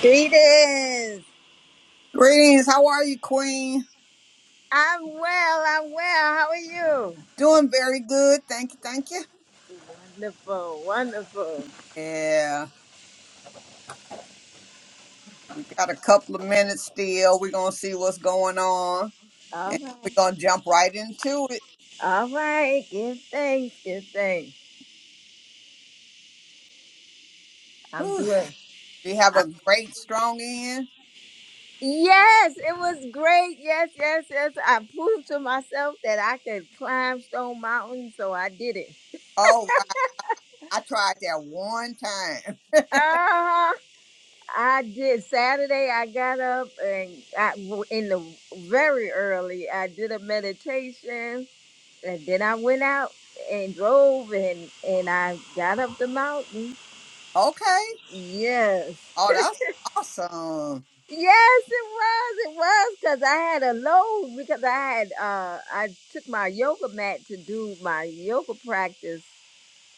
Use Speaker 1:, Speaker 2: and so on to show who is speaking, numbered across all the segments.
Speaker 1: Greetings.
Speaker 2: Greetings. How are you, Queen?
Speaker 1: I'm well. I'm well. How are you?
Speaker 2: Doing very good. Thank you. Thank you.
Speaker 1: Wonderful. Wonderful.
Speaker 2: Yeah, we got a couple of minutes still. We're going to see what's going on
Speaker 1: All
Speaker 2: and we're
Speaker 1: right.
Speaker 2: going to jump right into it.
Speaker 1: All right. Give thanks. Give thanks. I'm
Speaker 2: Whew.
Speaker 1: doing.
Speaker 2: Do you have a
Speaker 1: I'm,
Speaker 2: great, strong end?
Speaker 1: yes, it was great. Yes, yes, yes. I proved to myself that I could climb Stone Mountain, so I did it.
Speaker 2: Oh, wow. I tried that one time.
Speaker 1: Uh huh. I did. Saturday, I got up and I, in the very early, I did a meditation and then I went out and drove and and I got up the mountain.
Speaker 2: Okay.
Speaker 1: Yes.
Speaker 2: Oh, that's awesome.
Speaker 1: Yes, it was. It was because I had a load because I had uh I took my yoga mat to do my yoga practice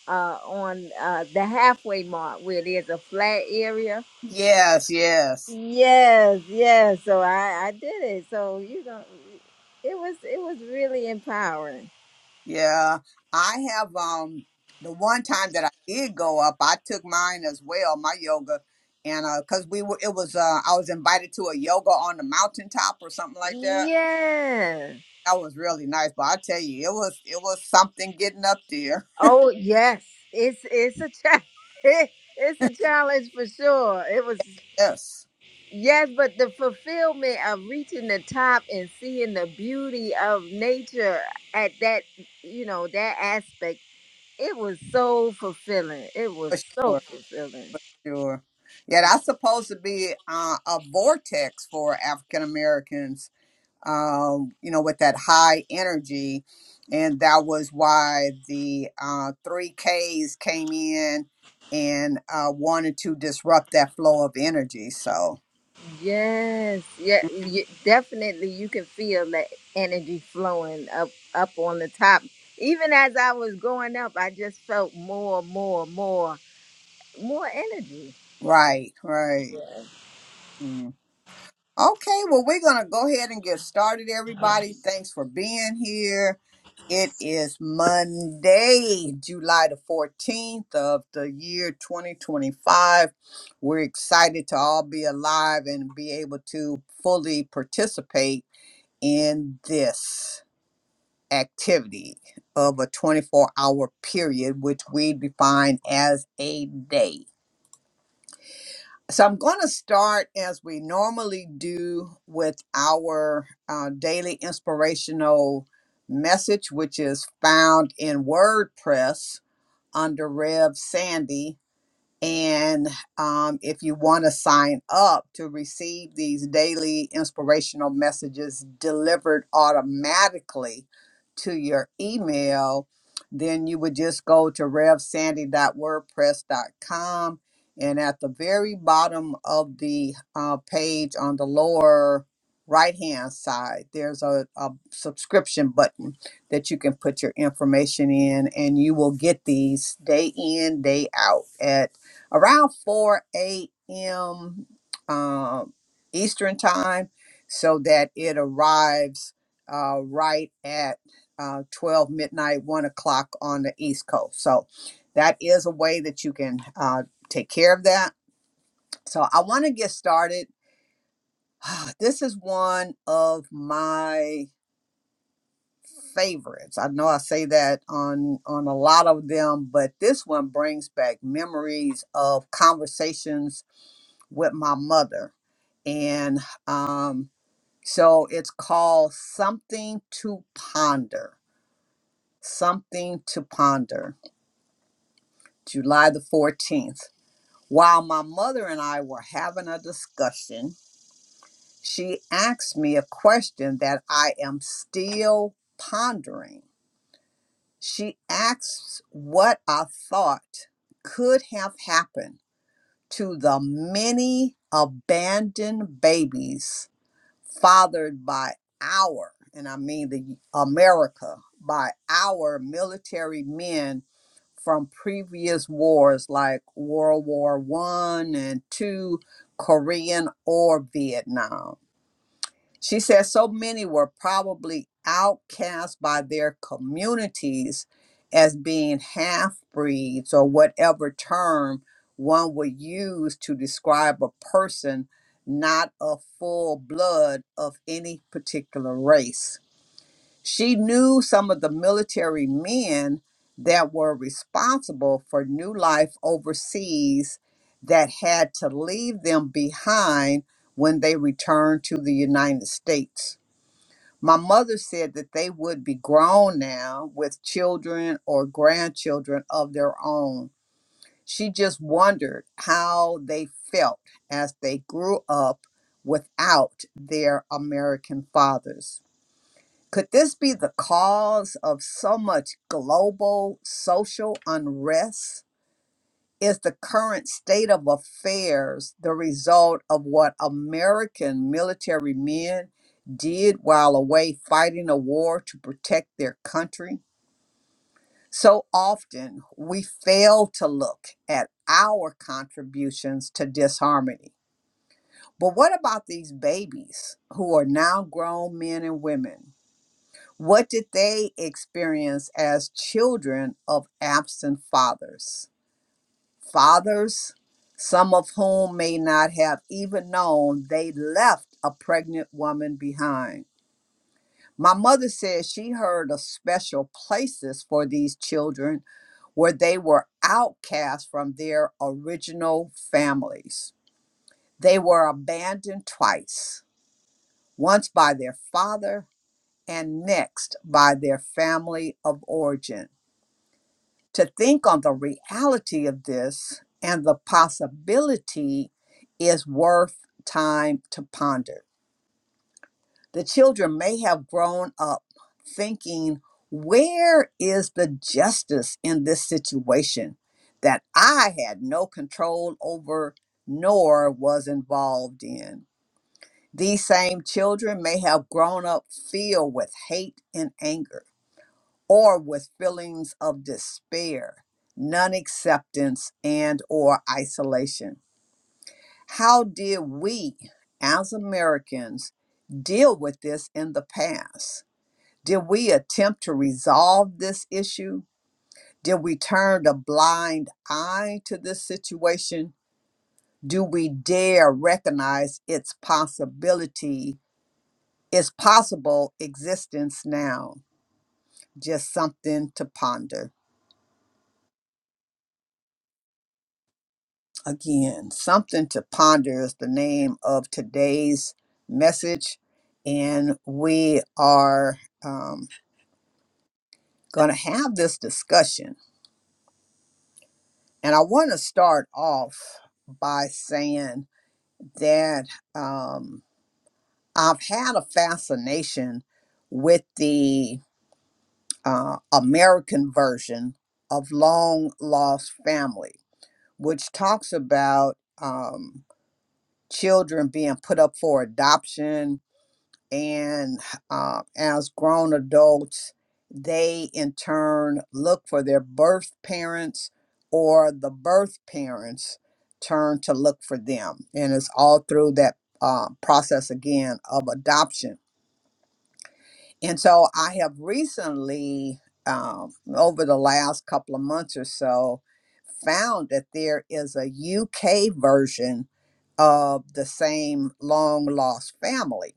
Speaker 1: uh on uh the halfway mark where there's a flat area.
Speaker 2: Yes, yes.
Speaker 1: Yes, yes. So I I did it. So you know it was it was really empowering.
Speaker 2: Yeah, I have um the one time that I did go up, I took mine as well, my yoga, and uh 'cause we were it was uh I was invited to a yoga on the mountaintop or something like that.
Speaker 1: Yeah.
Speaker 2: That was really nice, but I tell you, it was it was something getting up there.
Speaker 1: Oh yes, it's it's a cha- it, it's a challenge for sure. It was
Speaker 2: Yes,
Speaker 1: yes, but the fulfillment of reaching the top and seeing the beauty of nature at that you know that aspect, it was so fulfilling. It was
Speaker 2: for
Speaker 1: so
Speaker 2: sure,
Speaker 1: fulfilling.
Speaker 2: for sure. Yeah, that's supposed to be uh, a vortex for African Americans um, you know, with that high energy. And that was why the uh, 3Ks came in and uh, wanted to disrupt that flow of energy. So,
Speaker 1: Yes, yeah, you, definitely. You can feel that energy flowing up up on the top. Even as I was going up, I just felt more, more, more, more energy.
Speaker 2: right, right. Mm. Okay, well, we're going to go ahead and get started, everybody. Thanks for being here. It is Monday, July the 14th of the year 2025. We're excited to all be alive and be able to fully participate in this activity of a 24 hour period, which we define as a day. So I'm going to start as we normally do with our uh, daily inspirational message, which is found in WordPress under Rev Sandy. And um, if you want to sign up to receive these daily inspirational messages delivered automatically to your email, then you would just go to revsandy.wordpress.com. And at the very bottom of the uh, page on the lower right hand side, there's a, a subscription button that you can put your information in, and you will get these day in, day out. at around 4 a.m. Um, Eastern time so that it arrives uh, right at uh, 12 midnight, 1 o'clock on the East Coast. So that is a way that you can uh, take care of that. So I want to get started. This is one of my favorites. I know I say that on on a lot of them, but this one brings back memories of conversations with my mother. And um, so it's called Something to Ponder. Something to Ponder, July the 14th. While my mother and I were having a discussion, she asked me a question that I am still pondering. She asked what I thought could have happened to the many abandoned babies fathered by our, and I mean the America, by our military men from previous wars like World War One and Two, Korean or Vietnam. She says so many were probably outcast by their communities as being half breeds or whatever term one would use to describe a person not a full blood of any particular race. She knew some of the military men that were responsible for new life overseas that had to leave them behind when they returned to the United States. My mother said that they would be grown now with children or grandchildren of their own. She just wondered how they felt as they grew up without their American fathers. Could this be the cause of so much global social unrest? Is the current state of affairs the result of what American military men did while away fighting a war to protect their country? So often we fail to look at our contributions to disharmony. But what about these babies who are now grown men and women? What did they experience as children of absent fathers? Fathers, some of whom may not have even known they left a pregnant woman behind. My mother said she heard of special places for these children where they were outcast from their original families. They were abandoned twice, once by their father and next by their family of origin. to think on the reality of this and the possibility is worth time to ponder. The children may have grown up thinking, where is the justice in this situation that I had no control over nor was involved in? These same children may have grown up filled with hate and anger or with feelings of despair, non-acceptance and or isolation. How did we as Americans deal with this in the past? Did we attempt to resolve this issue? Did we turn a blind eye to this situation? Do we dare recognize its possibility, its possible existence now? Just something to ponder. Again, something to ponder is the name of today's message. And we are um, going to have this discussion. And I want to start off by saying that um, I've had a fascination with the uh, American version of Long Lost Family, which talks about um, children being put up for adoption and uh, as grown adults, they in turn look for their birth parents, or the birth parents turn to look for them. And it's all through that uh, process again of adoption. And so I have recently, um, over the last couple of months or so, found that there is a UK version of the same long lost family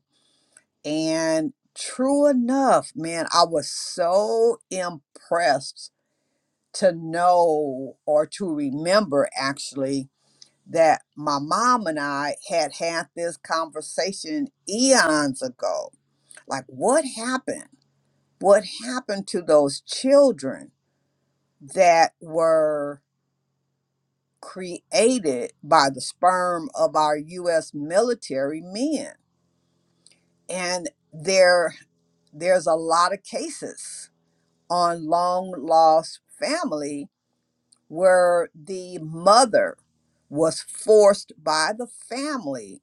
Speaker 2: and true enough, man, I was so impressed to know or to remember actually that my mom and I had had this conversation eons ago. Like, what happened? What happened to those children that were created by the sperm of our U.S. military men? And there, there's a lot of cases on long lost family where the mother was forced by the family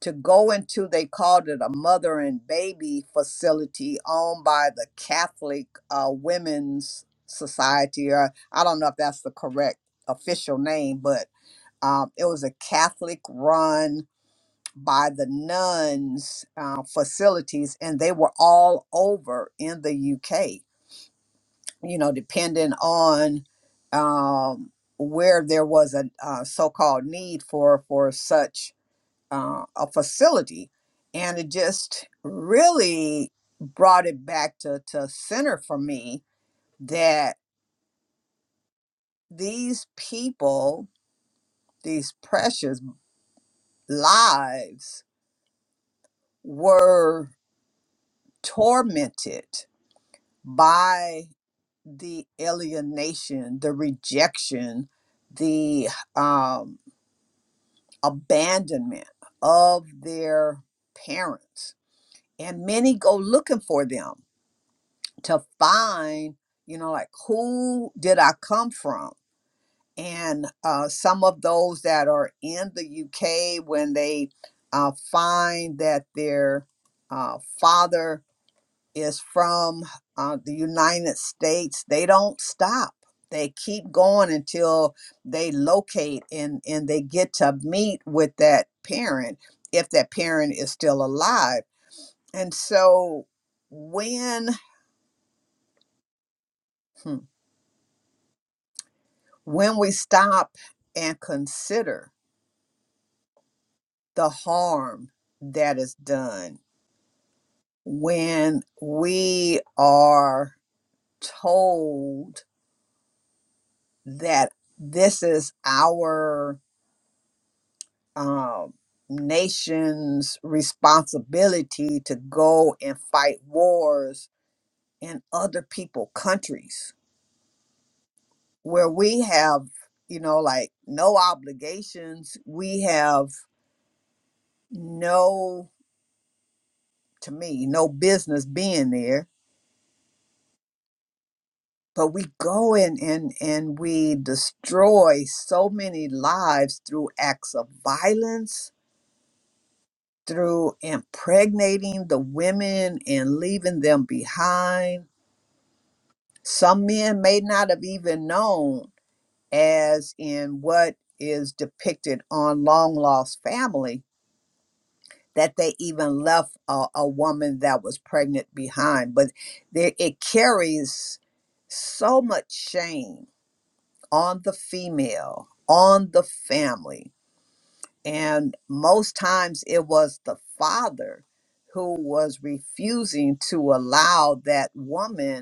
Speaker 2: to go into they called it a mother and baby facility owned by the catholic uh, women's society or i don't know if that's the correct official name but um, it was a catholic run by the nuns uh, facilities and they were all over in the uk you know, depending on um, where there was a uh, so-called need for for such uh, a facility, and it just really brought it back to to center for me that these people, these precious lives, were tormented by the alienation, the rejection, the um, abandonment of their parents. And many go looking for them to find, you know, like who did I come from? And uh, some of those that are in the UK, when they uh, find that their uh, father is from uh, the United States. They don't stop. They keep going until they locate and, and they get to meet with that parent if that parent is still alive. And so when hmm, when we stop and consider the harm that is done, when we are told that this is our um, nation's responsibility to go and fight wars in other people countries where we have you know like no obligations we have no to me no business being there but we go in and and we destroy so many lives through acts of violence through impregnating the women and leaving them behind some men may not have even known as in what is depicted on long lost family that they even left a, a woman that was pregnant behind but there, it carries so much shame on the female on the family and most times it was the father who was refusing to allow that woman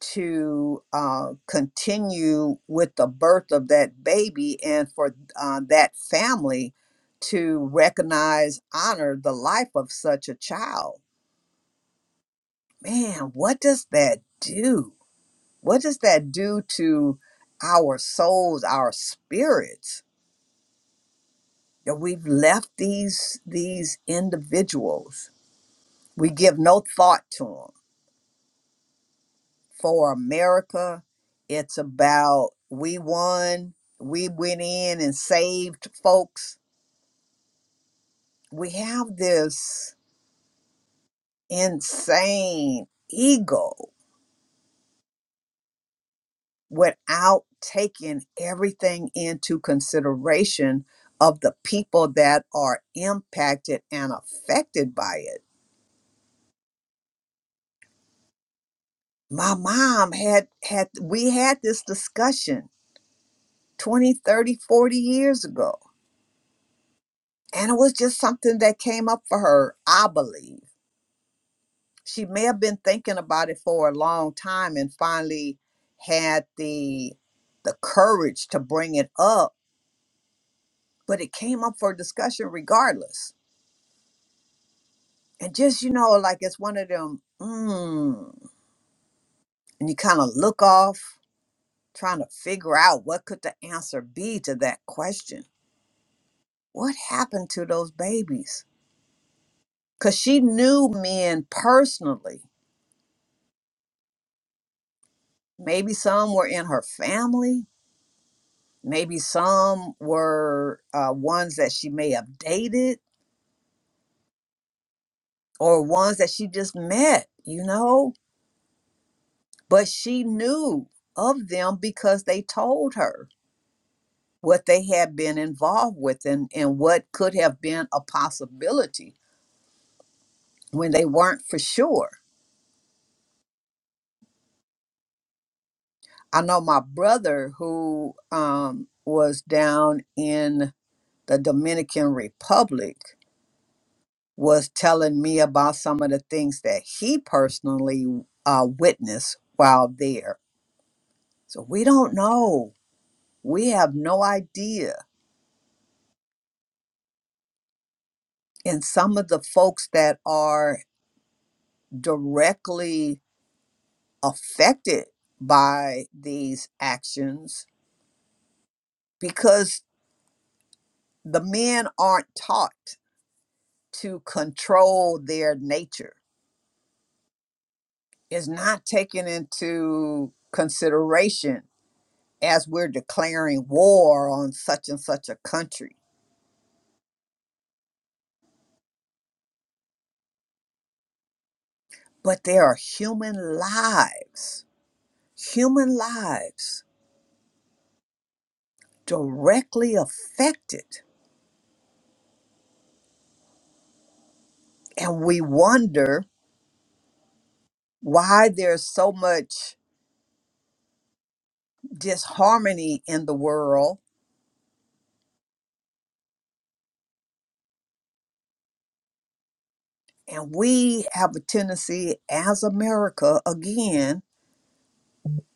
Speaker 2: to uh, continue with the birth of that baby and for uh, that family to recognize, honor the life of such a child. Man, what does that do? What does that do to our souls, our spirits? That we've left these these individuals. We give no thought to them. for America. It's about we won, we went in and saved folks. We have this insane ego without taking everything into consideration of the people that are impacted and affected by it. My mom had had we had this discussion 20, 30, 40 years ago. And it was just something that came up for her, I believe she may have been thinking about it for a long time and finally had the the courage to bring it up but it came up for discussion regardless and just you know like it's one of them mm, and you kind of look off trying to figure out what could the answer be to that question what happened to those babies because she knew men personally maybe some were in her family Maybe some were uh, ones that she may have dated or ones that she just met, you know, but she knew of them because they told her what they had been involved with and, and what could have been a possibility when they weren't for sure. I know my brother, who um, was down in the Dominican Republic, was telling me about some of the things that he personally uh, witnessed while there. So we don't know. We have no idea. And some of the folks that are directly affected by these actions, because the men aren't taught to control their nature, is not taken into consideration as we're declaring war on such and such a country but there are human lives, human lives directly affected. And we wonder why there's so much disharmony in the world. And we have a tendency as America, again,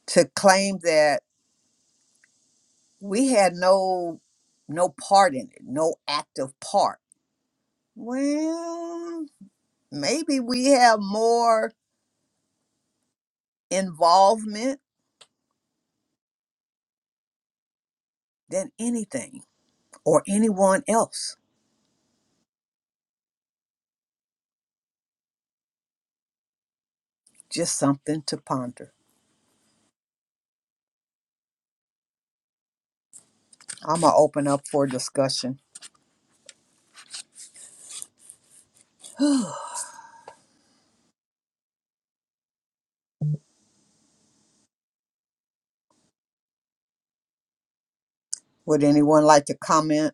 Speaker 2: to claim that we had no no part in it, no active part. Well, maybe we have more involvement than anything or anyone else. Just something to ponder. I'm going to open up for discussion. Would anyone like to comment?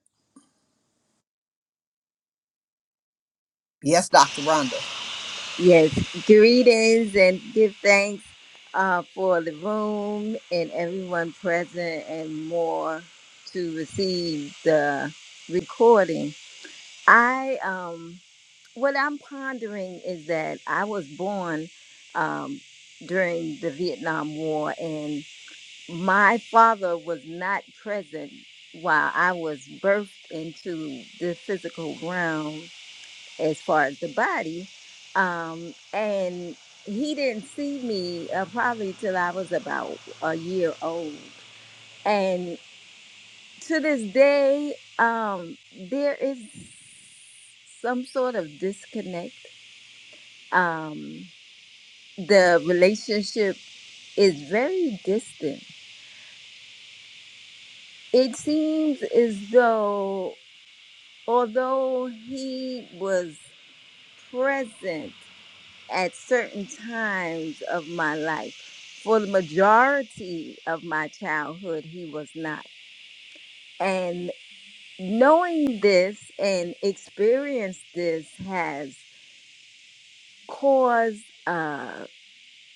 Speaker 2: Yes, Dr. Rhonda.
Speaker 1: Yes, greetings and give thanks uh, for the room and everyone present and more to receive the recording. I um, what I'm pondering is that I was born um, during the Vietnam War, and my father was not present while I was birthed into the physical realm as far as the body. Um, and he didn't see me uh, probably till I was about a year old. And to this day, um, there is some sort of disconnect. Um, the relationship is very distant. It seems as though, although he was present, at certain times of my life. For the majority of my childhood, he was not. And knowing this and experience this has caused uh,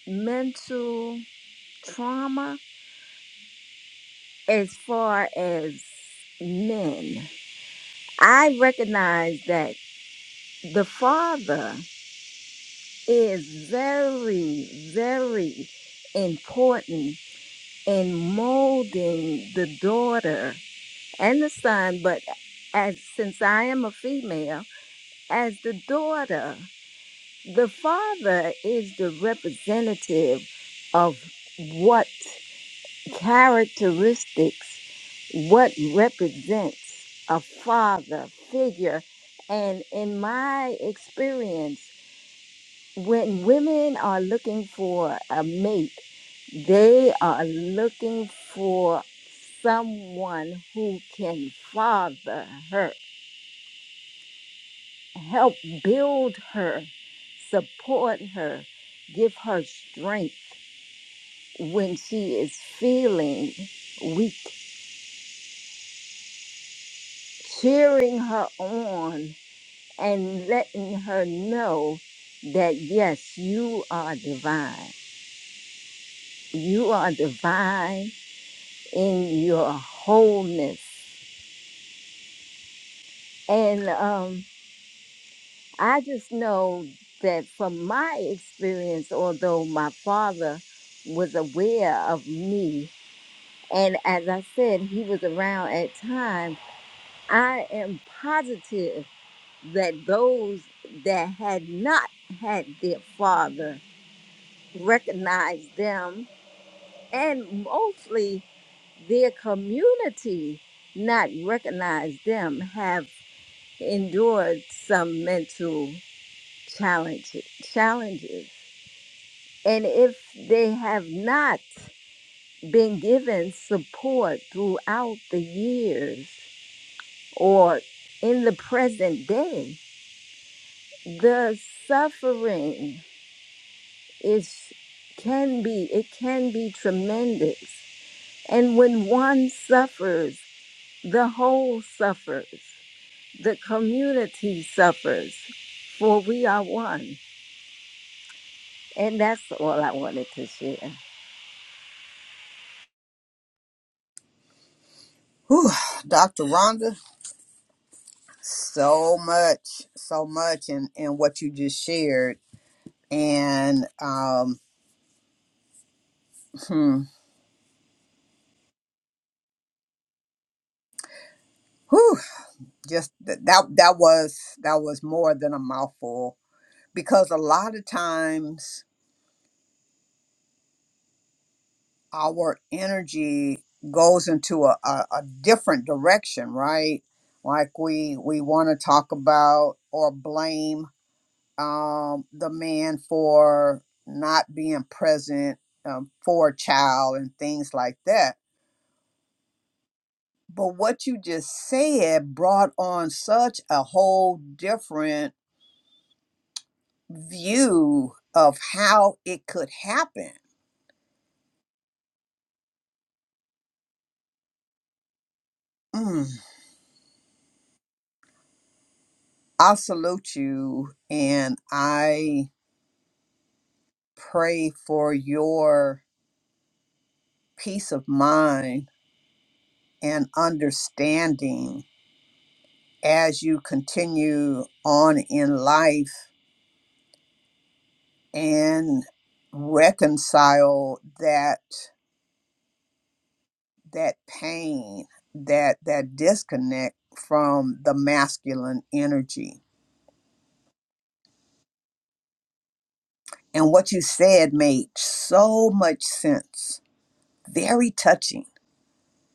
Speaker 1: mental trauma as far as men. I recognize that the father is very, very important and molding the daughter and the son, but as since I am a female, as the daughter, the father is the representative of what characteristics, what represents a father figure. And in my experience, when women are looking for a mate, they are looking for someone who can father her, help build her, support her, give her strength when she is feeling weak, cheering her on and letting her know that yes, you are divine. You are divine in your wholeness. And um, I just know that from my experience, although my father was aware of me, and as I said, he was around at times, I am positive that those that had not had their father recognized them, and mostly their community not recognized them, have. endured some mental challenges, challenges. And if they have not been given support throughout the years or in the present day, the suffering is can be it can be tremendous. And when one suffers, the whole suffers, the community suffers, for we are one. And that's all I wanted to share.
Speaker 2: Whew, Dr. Rhonda, so much, so much in, in what you just shared. And um, hmm, whew, just th- that that was that was more than a mouthful because a lot of times our energy goes into a, a, a different direction, right? Like we we want to talk about or blame um, the man for not being present um, for a child and things like that. But what you just said brought on such a whole different view of how it could happen. Mm. I salute you, and I pray for your peace of mind and understanding as you continue on in life and reconcile that that pain that that disconnect from the masculine energy and what you said made so much sense very touching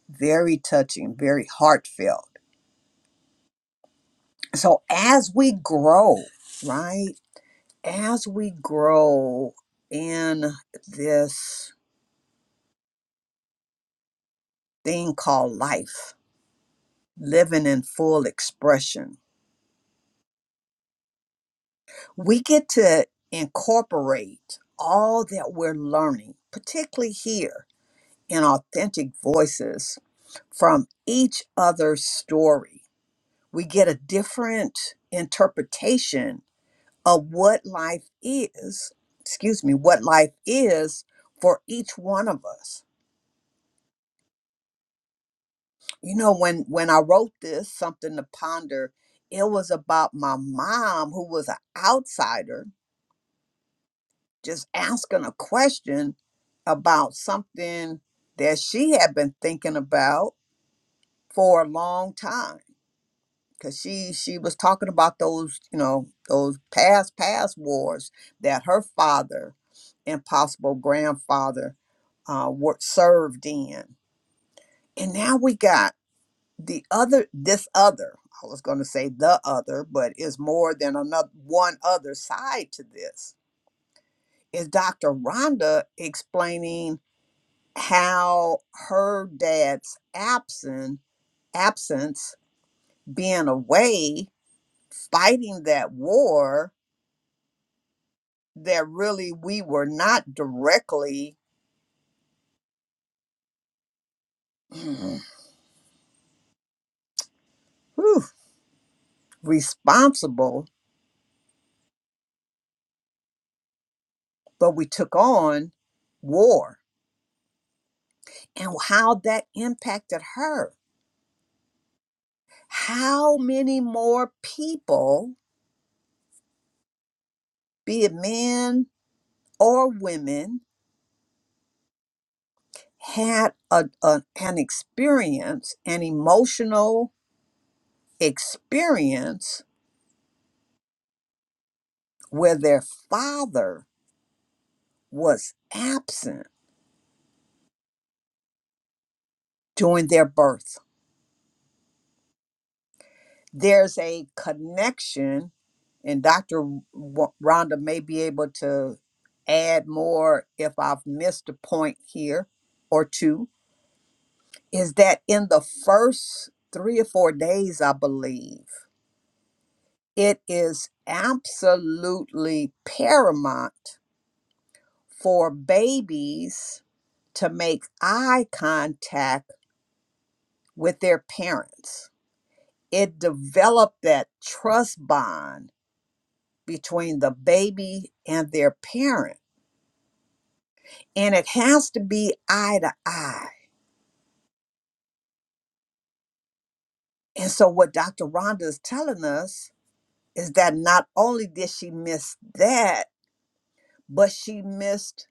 Speaker 2: very touching very heartfelt so as we grow right as we grow in this thing called life, living in full expression, we get to incorporate all that we're learning, particularly here in authentic voices from each other's story. We get a different interpretation of what life is, excuse me, what life is for each one of us you know when when i wrote this something to ponder it was about my mom who was an outsider just asking a question about something that she had been thinking about for a long time because she she was talking about those you know those past past wars that her father and possible grandfather uh, were served in and now we got the other this other i was going to say the other but is more than another one other side to this is dr rhonda explaining how her dad's absent absence being away fighting that war that really we were not directly mm, whew, responsible but we took on war and how that impacted her how many more people, be it men or women, had a, a- an experience, an emotional experience where their father was absent during their birth. There's a connection, and Dr. Wa- Rhonda may be able to add more if I've missed a point here or two is that in the first three or four days, I believe, it is absolutely paramount for babies to make eye contact with their parents. It developed that trust bond between the baby and their parent, and it has to be eye to eye. And so, what Dr. Rhonda is telling us is that not only did she miss that, but she missed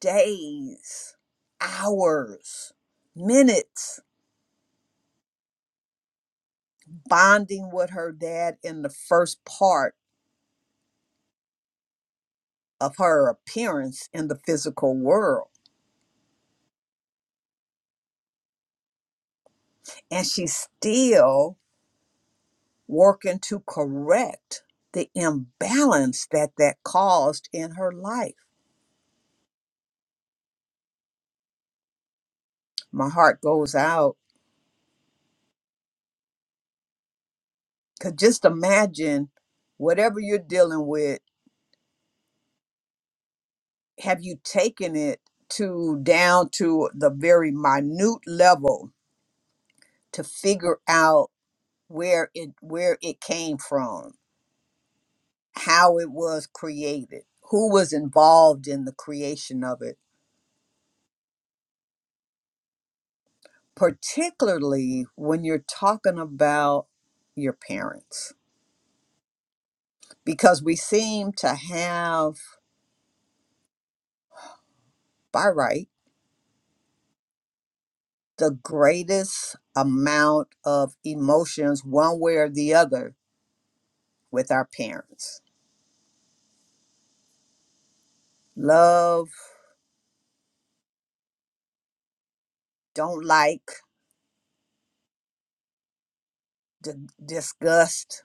Speaker 2: days, hours, minutes bonding with her dad in the first part of her appearance in the physical world. And she's still working to correct the imbalance that that caused in her life. My heart goes out because just imagine whatever you're dealing with, have you taken it to down to the very minute level? to figure out where it where it came from, how it was created, who was involved in the creation of it, particularly when you're talking about your parents because we seem to have by right the greatest amount of emotions one way or the other with our parents. Love, don't like, d- disgust,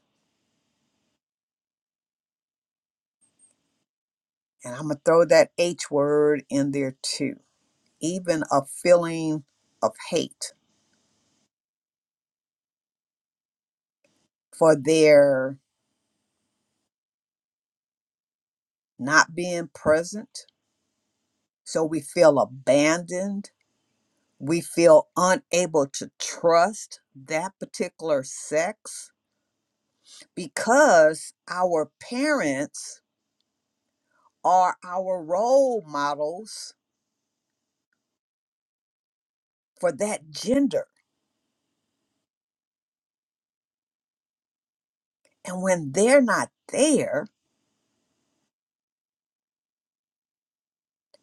Speaker 2: and I'm going to throw that H word in there too even a feeling of hate for their not being present. So we feel abandoned. We feel unable to trust that particular sex because our parents are our role models for that gender. And when they're not there,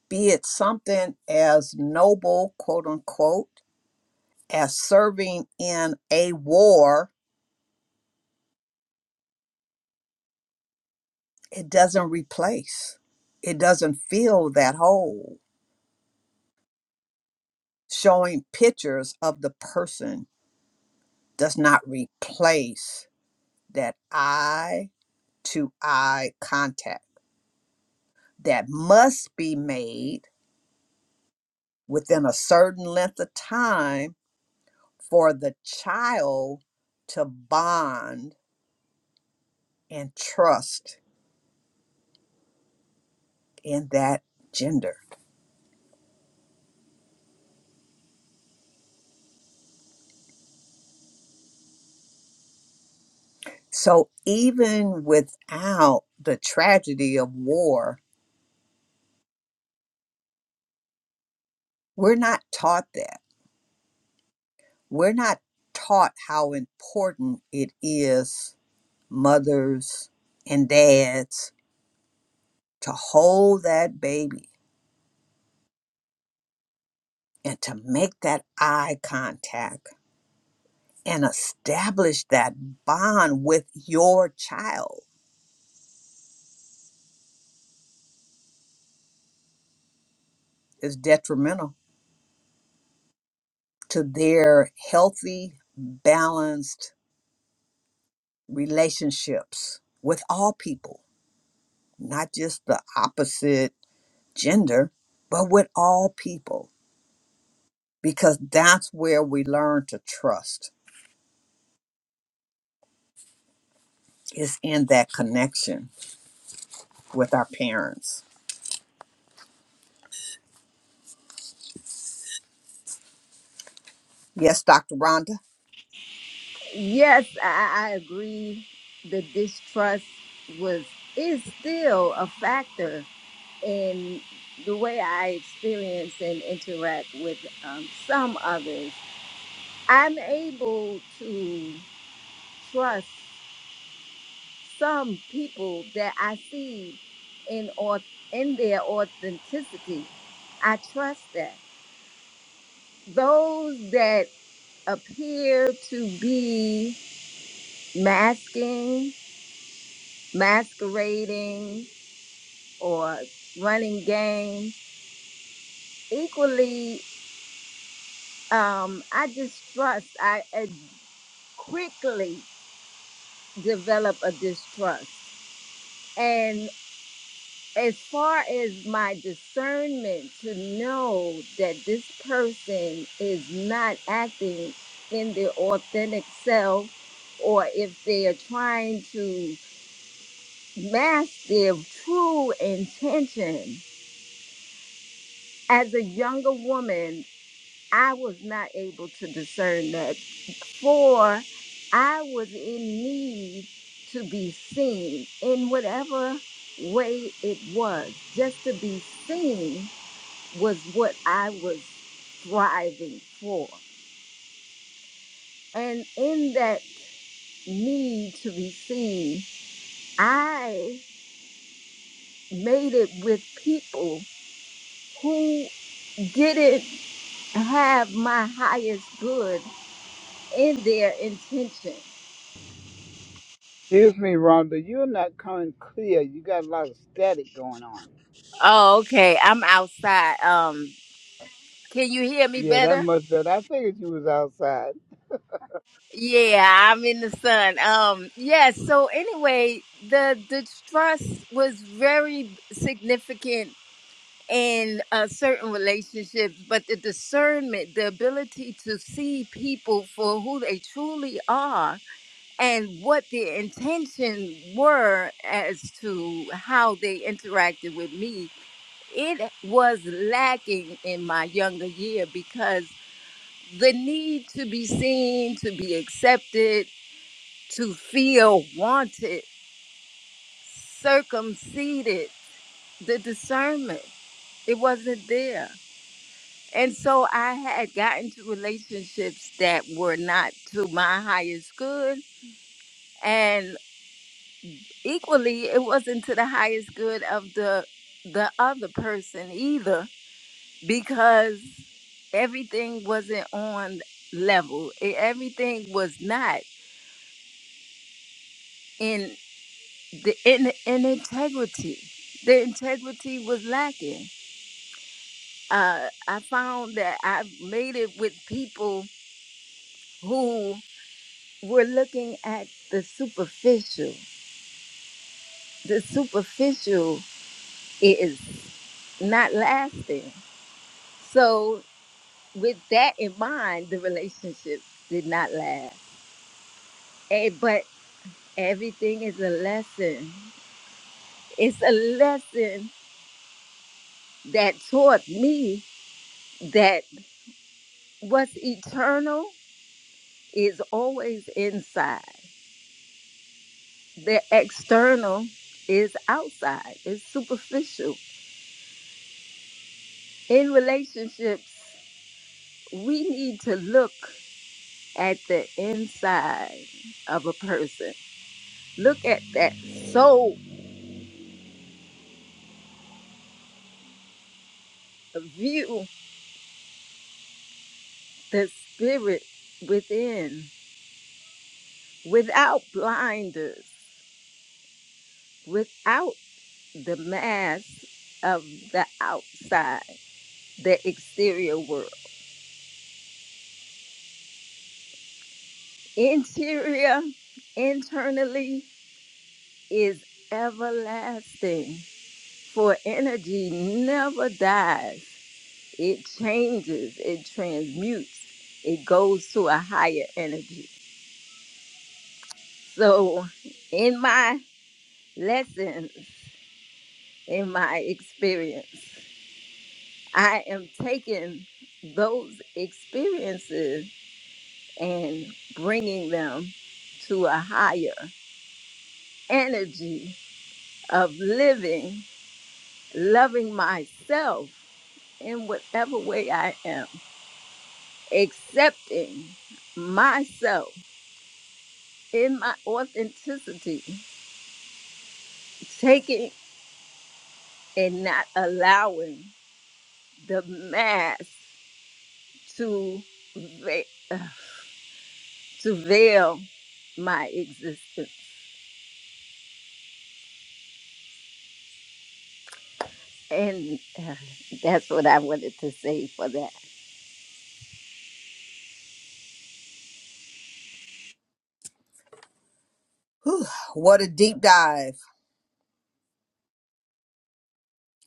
Speaker 2: be it something as noble, quote unquote, as serving in a war it doesn't replace it doesn't fill that hole showing pictures of the person does not replace that eye to eye contact that must be made within a certain length of time for the child to bond and trust in that gender so even without the tragedy of war we're not taught that we're not taught how important it is mothers and dads to hold that baby and to make that eye contact and establish that bond with your child is detrimental to their healthy balanced relationships with all people not just the opposite gender but with all people because that's where we learn to trust is in that connection with our parents. Yes, Dr. Rhonda.
Speaker 1: Yes, I, I agree. The distrust was is still a factor in the way I experience and interact with um, some others. I'm able to trust some people that I see in au- in their authenticity. I trust that those that appear to be masking, masquerading, or running game. Equally, um, I distrust. I uh, quickly develop a distrust. And as far as my discernment to know that this person is not acting in their authentic self, or if they are trying to mask their true intention as a younger woman, I was not able to discern that. For I was in need to be seen in whatever way it was. Just to be seen was what I was striving for. And in that need to be seen, I made it with people who didn't have my highest good in their intention.
Speaker 3: Excuse me, Rhonda, you're not coming clear. You got a lot of static going on.
Speaker 1: Oh, okay. I'm outside. Um, can you hear me
Speaker 3: Yeah, that
Speaker 1: better?
Speaker 3: much better. I figured you was outside.
Speaker 1: Yeah, I'm in the sun. Um, yes. so anyway, the the trust was very significant in uh, certain relationships, but the discernment, the ability to see people for who they truly are and what their intention were as to how they interacted with me, it was lacking in my younger year because the need to be seen, to be accepted, to feel wanted, circumcised, the discernment. It wasn't there. And so I had gotten to relationships that were not to my highest good. And equally, it wasn't to the highest good of the the other person either, because everything wasn't on level. E- Everything was not. in. the in, in integrity. The integrity was lacking. Uh, I found that I made it with people who were looking at the superficial. The superficial is not lasting. So, with that in mind, the relationship did not last. Eh, but everything is a lesson. It's a lesson that taught me that what's eternal is always inside. The external is outside, it's superficial. In relationships, we need to look at the inside of a person, look at that soul, view the spirit within without blinders, without the mask of the outside, the exterior world. Interior, internally, is everlasting, for energy never dies. It changes, it transmutes, it goes to a higher energy. So, in my lessons, in my experience, I am taking those experiences and bringing them to a higher energy of living, loving myself in whatever way I am. accepting myself in my authenticity, taking and not allowing the mask to ve- to veil my existence. And uh, that's what I wanted to say for that.
Speaker 2: What a deep dive.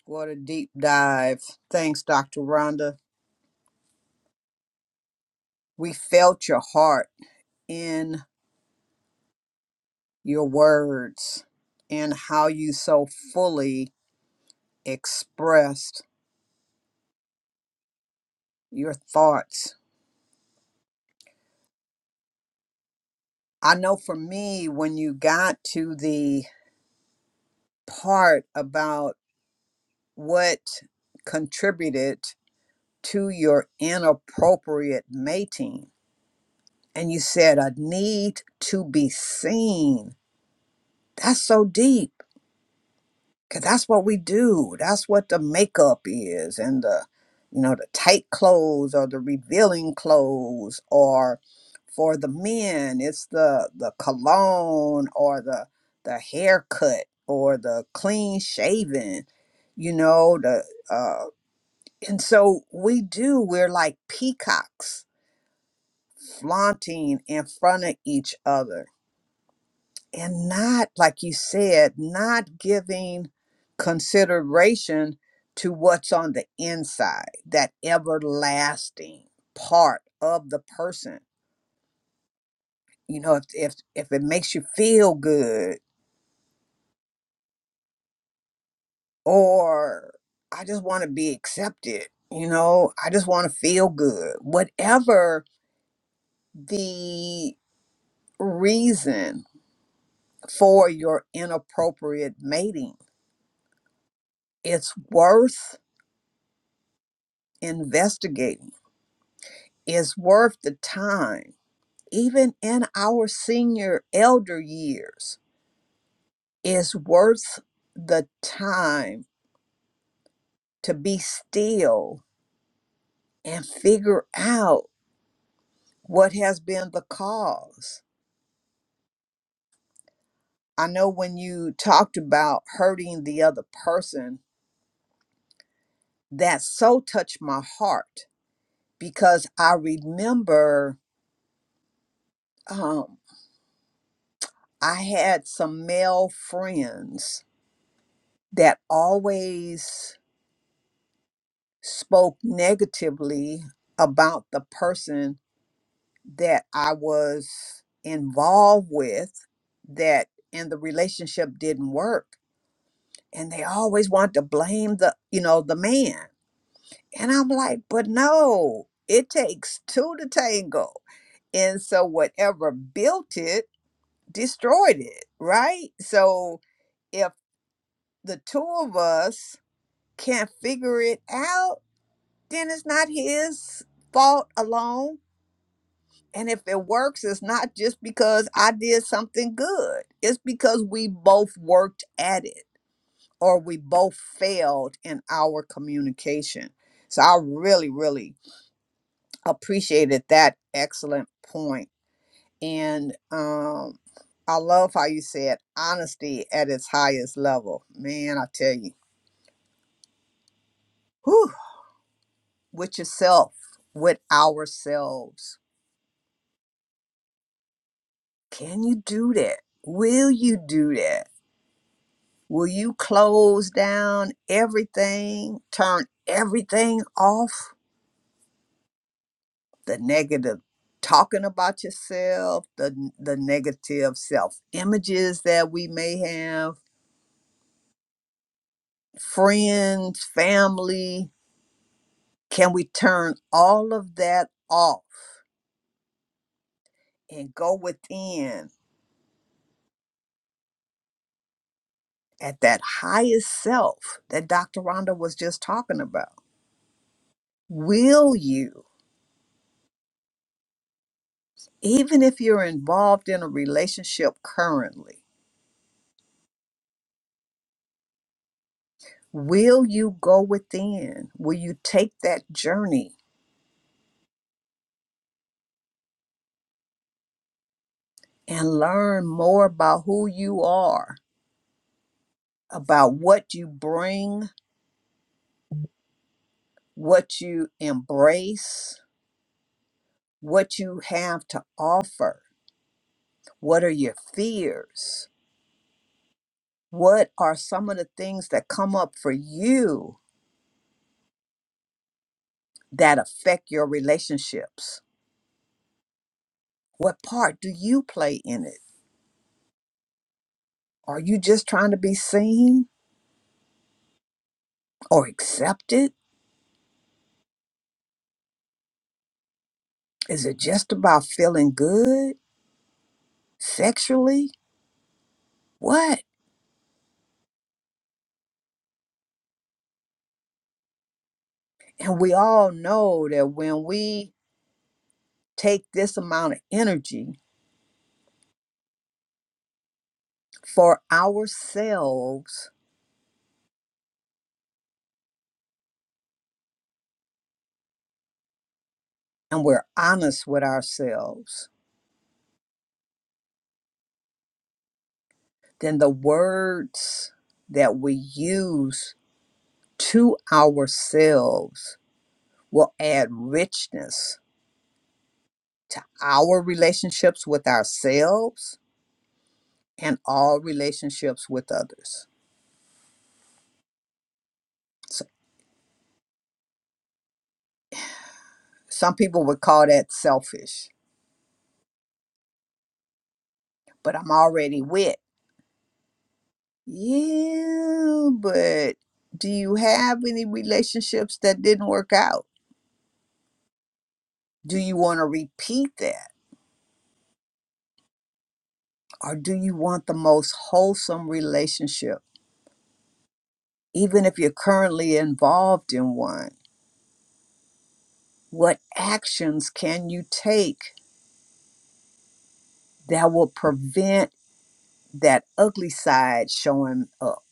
Speaker 2: What a deep dive. Thanks, Dr. Rhonda. We felt your heart in your words and how you so fully expressed your thoughts. I know for me, when you got to the part about what contributed to your inappropriate mating. And you said, a need to be seen. That's so deep. Cause that's what we do. That's what the makeup is and the, you know, the tight clothes or the revealing clothes or for the men, it's the the cologne or the the haircut or the clean shaven, you know, the uh and so we do, we're like peacocks flaunting in front of each other and not, like you said, not giving consideration to what's on the inside, that everlasting part of the person. You know, if if, if it makes you feel good or I just want to be accepted, you know, I just want to feel good. Whatever the reason for your inappropriate mating It's worth investigating. It's worth the time, even in our senior elder years. It's worth the time to be still and figure out what has been the cause. I know when you talked about hurting the other person, that so touched my heart because I remember um, I had some male friends that always spoke negatively about the person that I was involved with that and the relationship didn't work and they always want to blame the you know the man and I'm like but no it takes two to tango and so whatever built it destroyed it right so if the two of us can't figure it out then it's not his fault alone. And if it works, it's not just because I did something good, it's because we both worked at it or we both failed in our communication. So I really, really appreciated that excellent point. And um, I love how you said honesty at its highest level. Man, I tell you, whew, with yourself, with ourselves Can you do that? Will you do that? Will you close down everything, turn everything off? The negative talking about yourself, the, the negative self images that we may have, friends, family. Can we turn all of that off and go within at that highest self that Dr. Rhonda was just talking about? Will you? even if you're involved in a relationship currently, will you go within? Will you take that journey and learn more about who you are, about what you bring, what you embrace, what you have to offer? What are your fears? What are some of the things that come up for you that affect your relationships? What part do you play in it? Are you just trying to be seen? or accepted? Is it just about feeling good sexually? What? And we all know that when we take this amount of energy for ourselves and we're honest with ourselves, then the words that we use to ourselves will add richness to our relationships with ourselves and all relationships with others. So Some people would call that selfish, but I'm already with you. But do you have any relationships that didn't work out? Do you want to repeat that? Or do you want the most wholesome relationship, even if you're currently involved in one? What actions can you take that will prevent that ugly side showing up?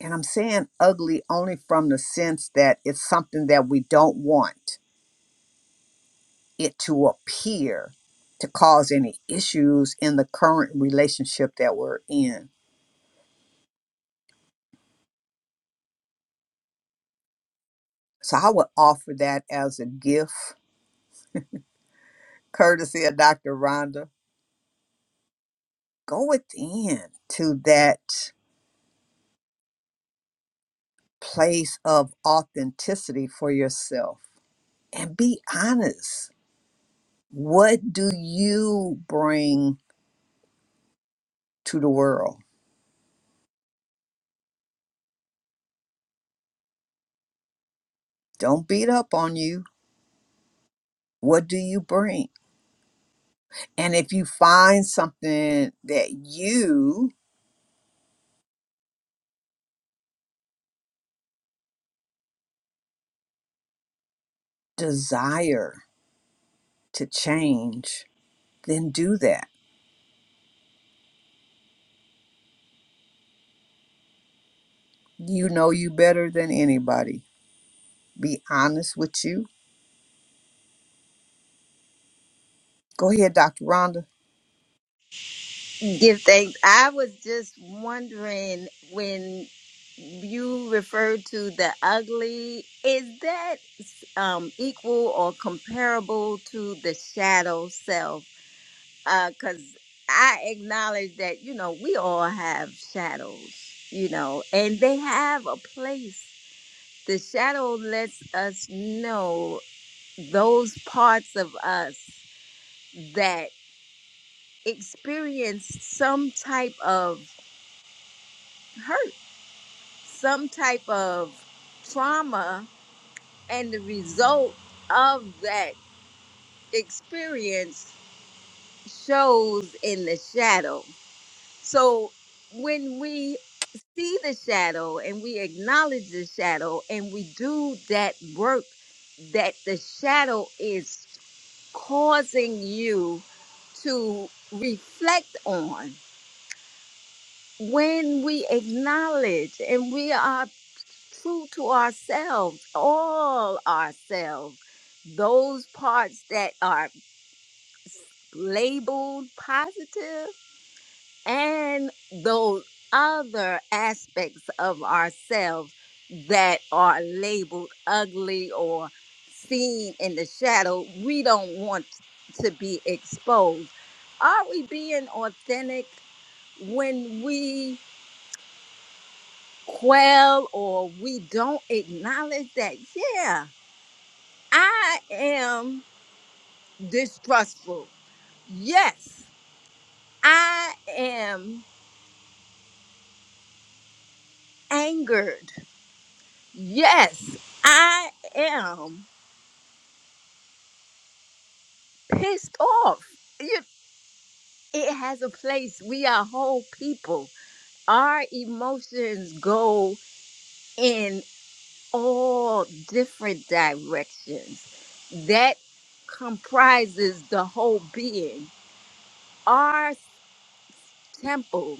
Speaker 2: And I'm saying ugly only from the sense that it's something that we don't want it to appear to cause any issues in the current relationship that we're in. So I would offer that as a gift, courtesy of Dr. Rhonda. Go within to that place of authenticity for yourself and be honest. What do you bring to the world? Don't beat up on you. What do you bring? And if you find something that you desire to change, then do that. You know you better than anybody. Be honest with you. Go ahead, Dr. Rhonda.
Speaker 1: Give thanks. I was just wondering when you referred to the ugly, is that um, equal or comparable to the shadow self? because I acknowledge that you know we all have shadows, you know, and they have a place. The shadow lets us know those parts of us that experience some type of hurt, some type of trauma, and the result of that experience shows in the shadow. So when we see the shadow and we acknowledge the shadow and we do that work that the shadow is causing you to reflect on when we acknowledge and we are true to ourselves all ourselves those parts that are labeled positive and those other aspects of ourselves that are labeled ugly or seen in the shadow, we don't want to be exposed. Are we being authentic when we quell or we don't acknowledge that, yeah, I am distrustful. Yes, I am angered. Yes, I am pissed off. You- It has a place. We are whole people. Our emotions go in all different directions. That comprises the whole being. Our temple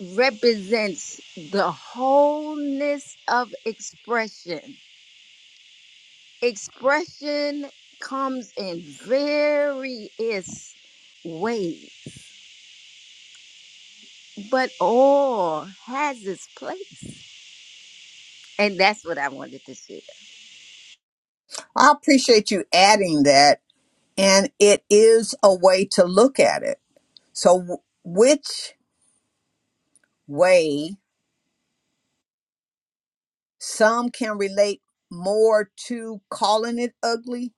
Speaker 1: represents the wholeness of expression. Expression comes in various ways but all has its place. And that's what I wanted to share.
Speaker 2: I appreciate you adding that. And it is a way to look at it. So, w- which way some can relate more to calling it ugly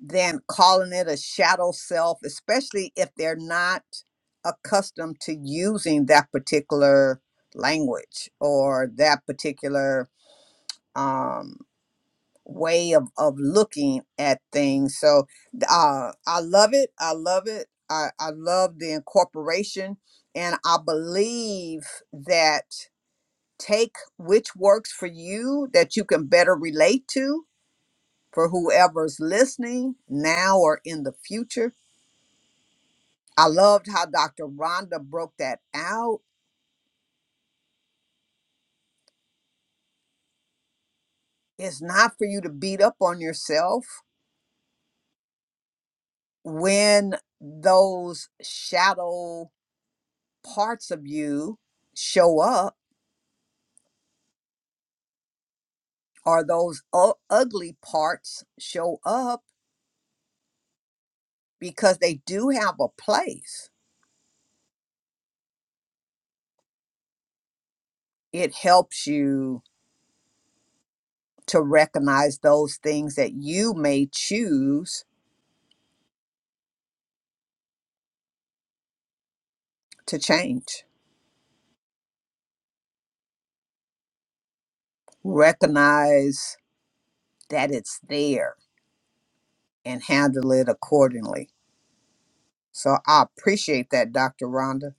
Speaker 2: than calling it a shadow self, especially if they're not accustomed to using that particular language or that particular um way of of looking at things so th- uh i love it i love it i i love the incorporation and i believe that take which works for you that you can better relate to for whoever's listening now or in the future i loved how dr rhonda broke that out it's not for you to beat up on yourself when those shadow parts of you show up or those u- ugly parts show up because they do have a place. It helps you to recognize those things that you may choose to change. Recognize that it's there and handle it accordingly. So I appreciate that, Dr. Rhonda,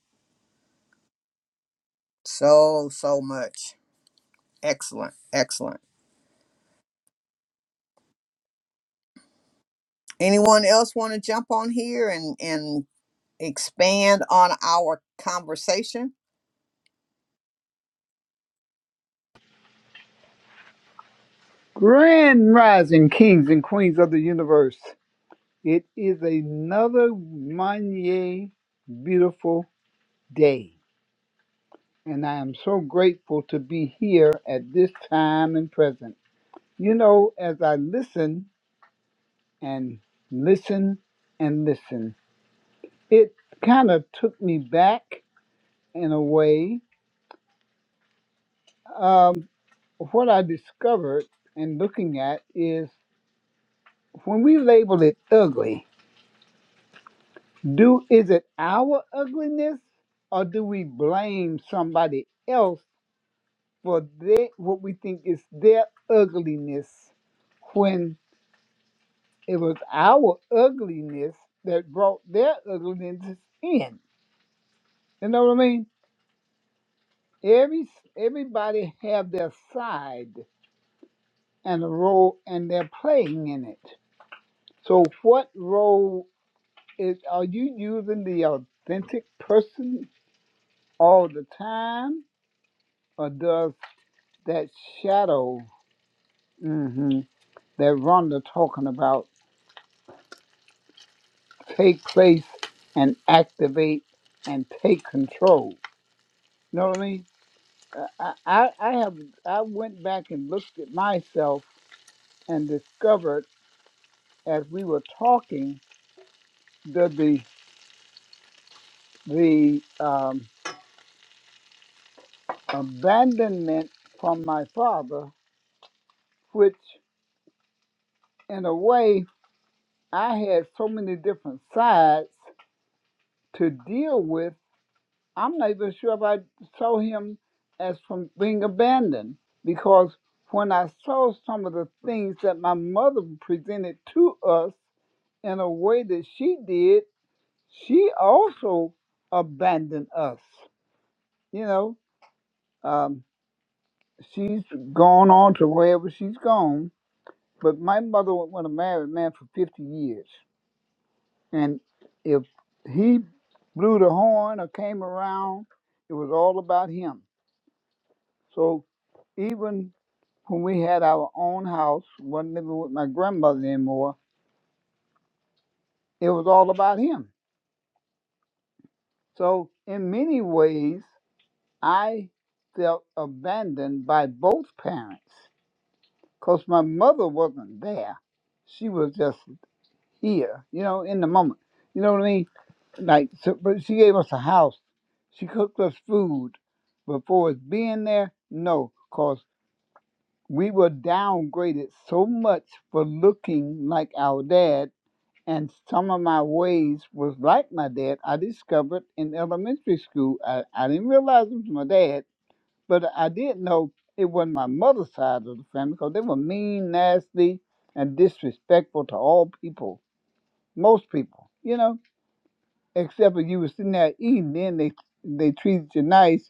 Speaker 2: so, so much. Excellent, excellent. Anyone else want to jump on here and, and expand on our conversation?
Speaker 3: Grand rising kings and queens of the universe. It is another Manye beautiful day. And I am so grateful to be here at this time and present. You know, as I listen and listen and listen, it kind of took me back in a way Um, what I discovered and looking at is when we label it ugly, do is it our ugliness or do we blame somebody else for their, what we think is their ugliness when it was our ugliness that brought their ugliness in? You know what I mean? Every everybody have their side and a role and they're playing in it. So what role is are you using the authentic person all the time, or does that shadow hmm that Rhonda talking about take place and activate and take control? You know what I mean? Uh, I, I I have I went back and looked at myself and discovered as we were talking that the the um, abandonment from my father, which in a way I had so many different sides to deal with. I'm not even sure if I saw him as from being abandoned because when I saw some of the things that my mother presented to us in a way that she did, she also abandoned us. You know, um, she's gone on to wherever she's gone, but my mother was with a married man for 50 years. And if he blew the horn or came around, it was all about him. So even when we had our own house, wasn't living with my grandmother anymore, it was all about him. So in many ways, I felt abandoned by both parents because my mother wasn't there. She was just here, you know, in the moment. You know what I mean? Like, so, but she gave us a house. She cooked us food. But for us being there, no, because we were downgraded so much for looking like our dad. And some of my ways was like my dad. I discovered in elementary school. I, I didn't realize it was my dad, but I did know it wasn't my mother's side of the family because they were mean, nasty, and disrespectful to all people, most people, you know except if you were sitting there eating, then they they treated you nice,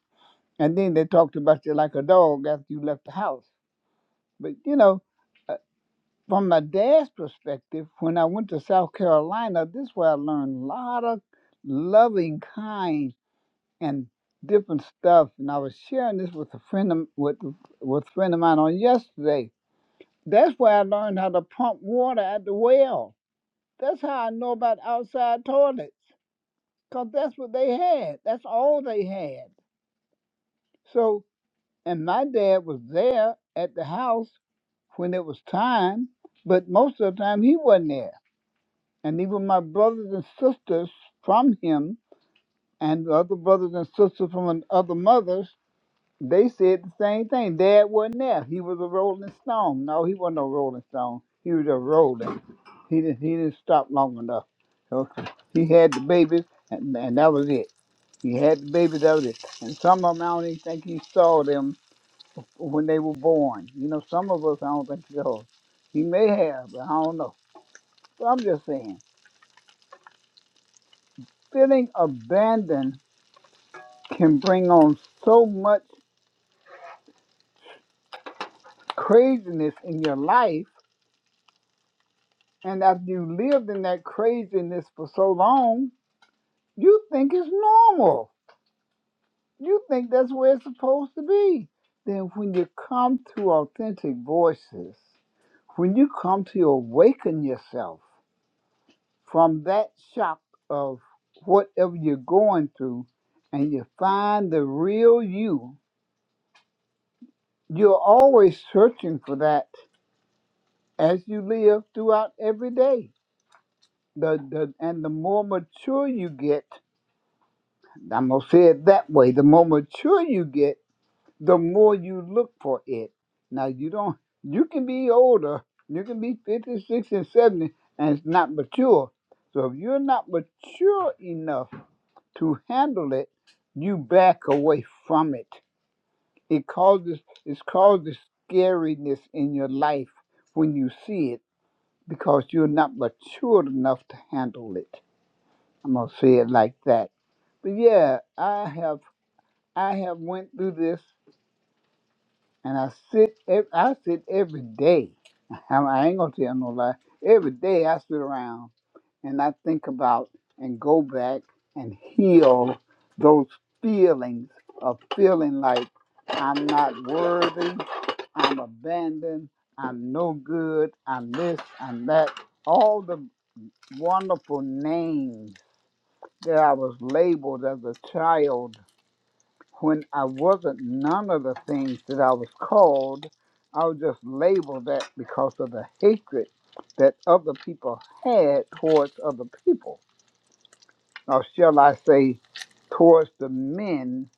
Speaker 3: and then they talked about you like a dog after you left the house. But you know, uh, from my dad's perspective, when I went to South Carolina, this is where I learned a lot of loving, kind, and different stuff. And I was sharing this with a friend of, with with a friend of mine on yesterday. That's where I learned how to pump water at the well. That's how I know about outside toilets. because that's what they had. That's all they had. So, and my dad was there at the house when it was time, but most of the time he wasn't there. And even my brothers and sisters from him and the other brothers and sisters from an- other mothers, they said the same thing. Dad wasn't there. He was a rolling stone. No, he wasn't a rolling stone. He was a rolling. He didn't, he didn't stop long enough. So he had the babies, and, and that was it. He had the babies out of it. And some of them, I don't even think he saw them when they were born. You know, some of us, I don't think he saw. He may have, but I don't know. But I'm just saying, feeling abandoned can bring on so much craziness in your life. And after you lived in that craziness for so long, you think it's normal. You think that's where it's supposed to be. Then when you come to authentic voices, when you come to awaken yourself, from that shock of whatever you're going through and you find the real you, you're always searching for that as you live throughout every day. The, the, and the more mature you get, I'm going to say it that way the more mature you get, the more you look for it. Now, you don't, you can be older, you can be 56 and 70 and it's not mature. So if you're not mature enough, to handle it, you back away from it. It causes it causes scariness in your life when you see it because you're not mature enough to handle it. I'm gonna say it like that. But yeah, I have I have went through this. And I sit, ev- I sit every day. I I ain't gonna tell no lie. Every day I sit around and I think about and go back and heal those feelings of feeling like I'm not worthy, I'm abandoned, I'm no good, I'm this, I'm that. All the wonderful names that I was labeled as a child when I wasn't none of the things that I was called, I was just label that because of the hatred that other people had towards other people. Or shall I say, towards the men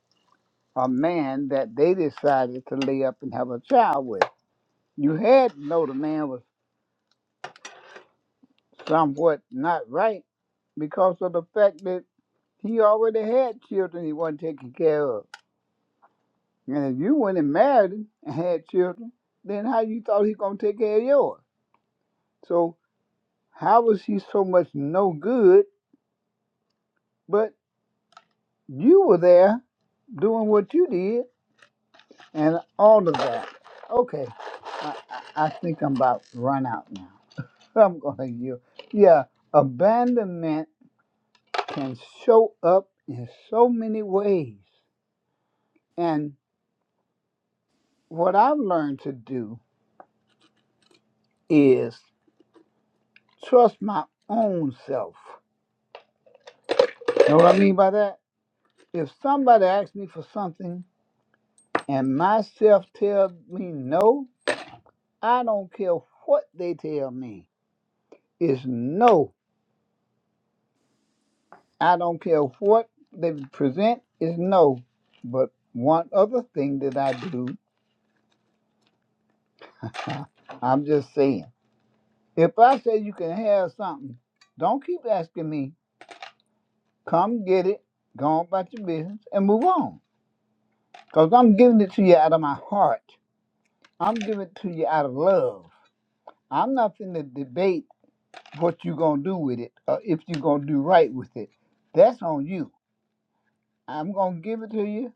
Speaker 3: or man that they decided to lay up and have a child with. You had to know the man was somewhat not right because of the fact that he already had children he wasn't taking care of. And if you went and married him and had children, then how you thought he gonna take care of yours? So how was he so much no good? But you were there doing what you did and all of that. Okay, I, I, I think I'm about to run out now. I'm gonna yield. Yeah, abandonment can show up in so many ways. And what I've learned to do is trust my own self. Know what I mean by that? If somebody asks me for something and myself tell me no, I don't care what they tell me. It's no. I don't care what they present. It's no. But one other thing that I do, I'm just saying. If I say you can have something, don't keep asking me. Come get it. Go on about your business and move on. Cause I'm giving it to you out of my heart. I'm giving it to you out of love. I'm not finna debate what you gonna do with it, or if you gonna do right with it. That's on you. I'm gonna give it to you.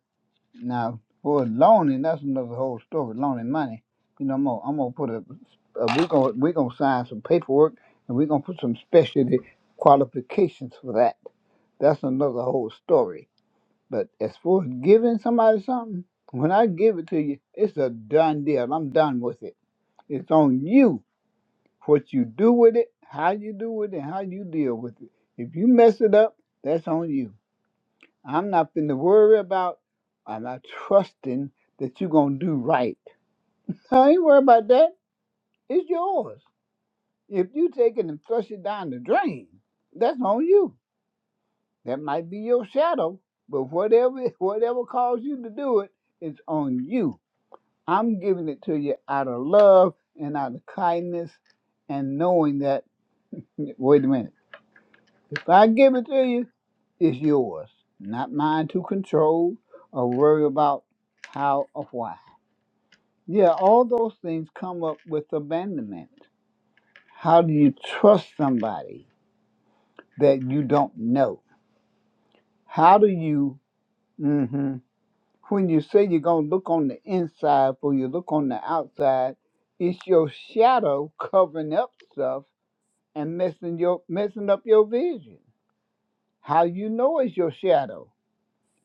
Speaker 3: Now for loaning, that's another whole story. Loaning money, you know, I'm gonna, I'm gonna put a, a we're gonna we're gonna sign some paperwork, and we're gonna put some specialty qualifications for that. That's another whole story. But as far as giving somebody something, when I give it to you, it's a done deal. I'm done with it. It's on you what you do with it, how you do it, and how you deal with it. If you mess it up, that's on you. I'm not going to worry about, I'm not trusting that you're going to do right. I ain't worried about that. It's yours. If you take it and flush it down the drain, that's on you. That might be your shadow, but whatever whatever caused you to do it, it's on you. I'm giving it to you out of love and out of kindness and knowing that wait a minute. If I give it to you, is yours, not mine to control or worry about how or why. Yeah, all those things come up with abandonment. How do you trust somebody that you don't know? How do you, hmm when you say you're going to look on the inside before you look on the outside, it's your shadow covering up stuff and messing, your, messing up your vision. How you know it's your shadow?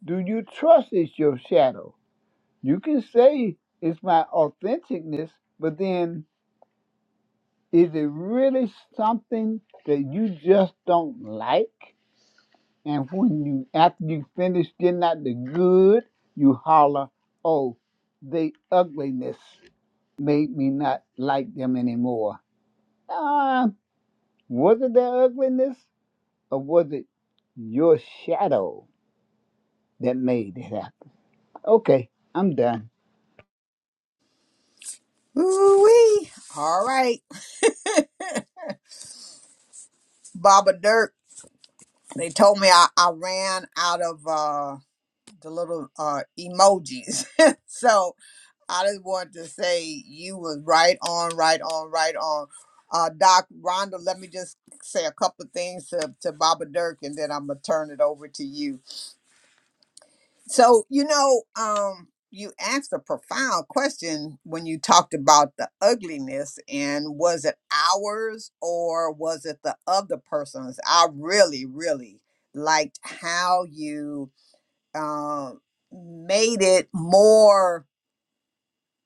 Speaker 3: Do you trust it's your shadow? You can say it's my authenticness, but then is it really something that you just don't like? And when you after you finish getting out the good, you holler, "Oh, they ugliness made me not like them anymore." Uh, was it their ugliness, or was it your shadow that made it happen? Okay, I'm done.
Speaker 2: Ooh-wee. All right. Baba Dirk. They told me I, I ran out of uh, the little uh, emojis. so I just wanted to say you was right on, right on, right on. Uh, Doc Rhonda, let me just say a couple of things to, to Baba Dirk, and then I'm gonna turn it over to you. So you know, um, you asked a profound question when you talked about the ugliness, and was it ours or was it the other person's? I really, really liked how you um made it more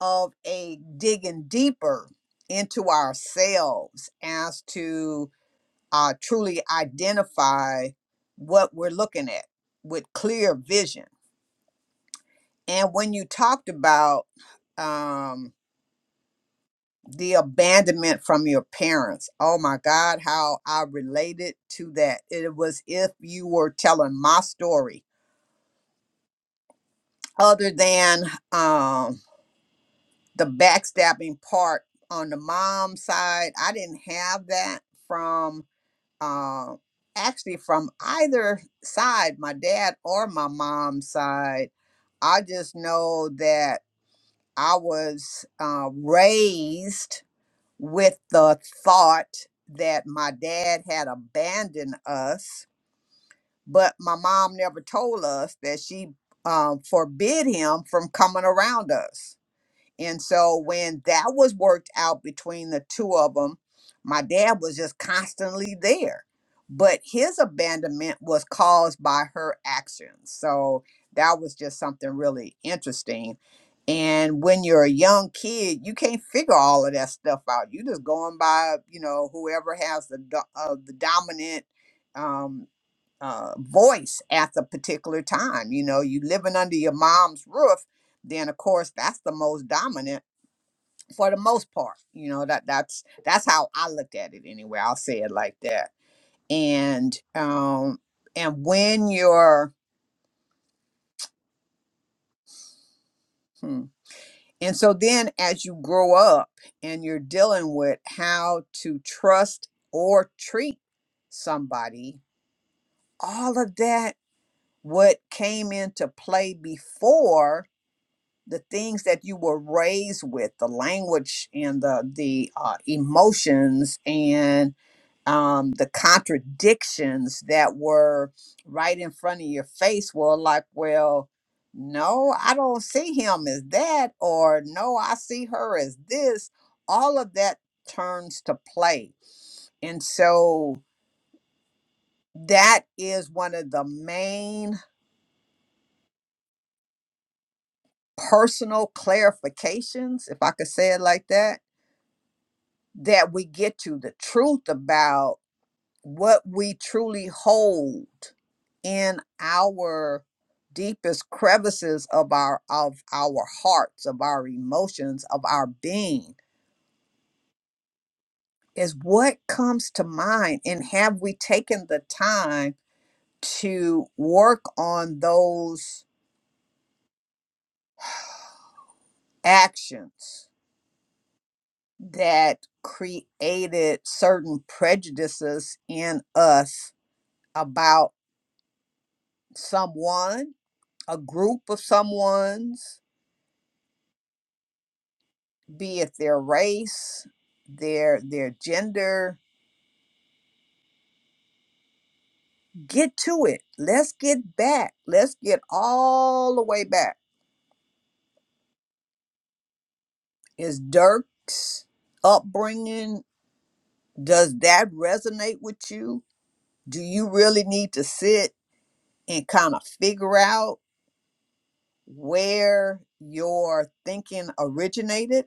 Speaker 2: of a digging deeper into ourselves as to uh, truly identify what we're looking at with clear vision. And when you talked about um, the abandonment from your parents, oh my God, how I related to that. It was if you were telling my story, other than um, the backstabbing part on the mom side, I didn't have that from uh, actually from either side, my dad or my mom's side. I just know that I was uh, raised with the thought that my dad had abandoned us, but my mom never told us that she uh, forbid him from coming around us. And so when that was worked out between the two of them, my dad was just constantly there. But his abandonment was caused by her actions. So that was just something really interesting. And when you're a young kid, you can't figure all of that stuff out. you just going by, you know, whoever has the do- uh, the dominant um, uh, voice at the particular time. You know, you living under your mom's roof, then of course that's the most dominant for the most part. You know that that's that's how I looked at it anyway. I'll say it like that. And um, and when you're hmm. and so then as you grow up and you're dealing with how to trust or treat somebody, all of that what came into play before the things that you were raised with the language and the the uh, emotions and um, the contradictions that were right in front of your face were like well no i don't see him as that or no i see her as this all of that turns to play and so that is one of the main personal clarifications if i could say it like that that we get to the truth about what we truly hold in our deepest crevices of our of our hearts of our emotions of our being is what comes to mind and have we taken the time to work on those actions that created certain prejudices in us about someone a group of someone's, be it their race, their their gender, get to it. Let's get back. Let's get all the way back. Is Dirk's upbringing does that resonate with you? Do you really need to sit and kind of figure out where your thinking originated?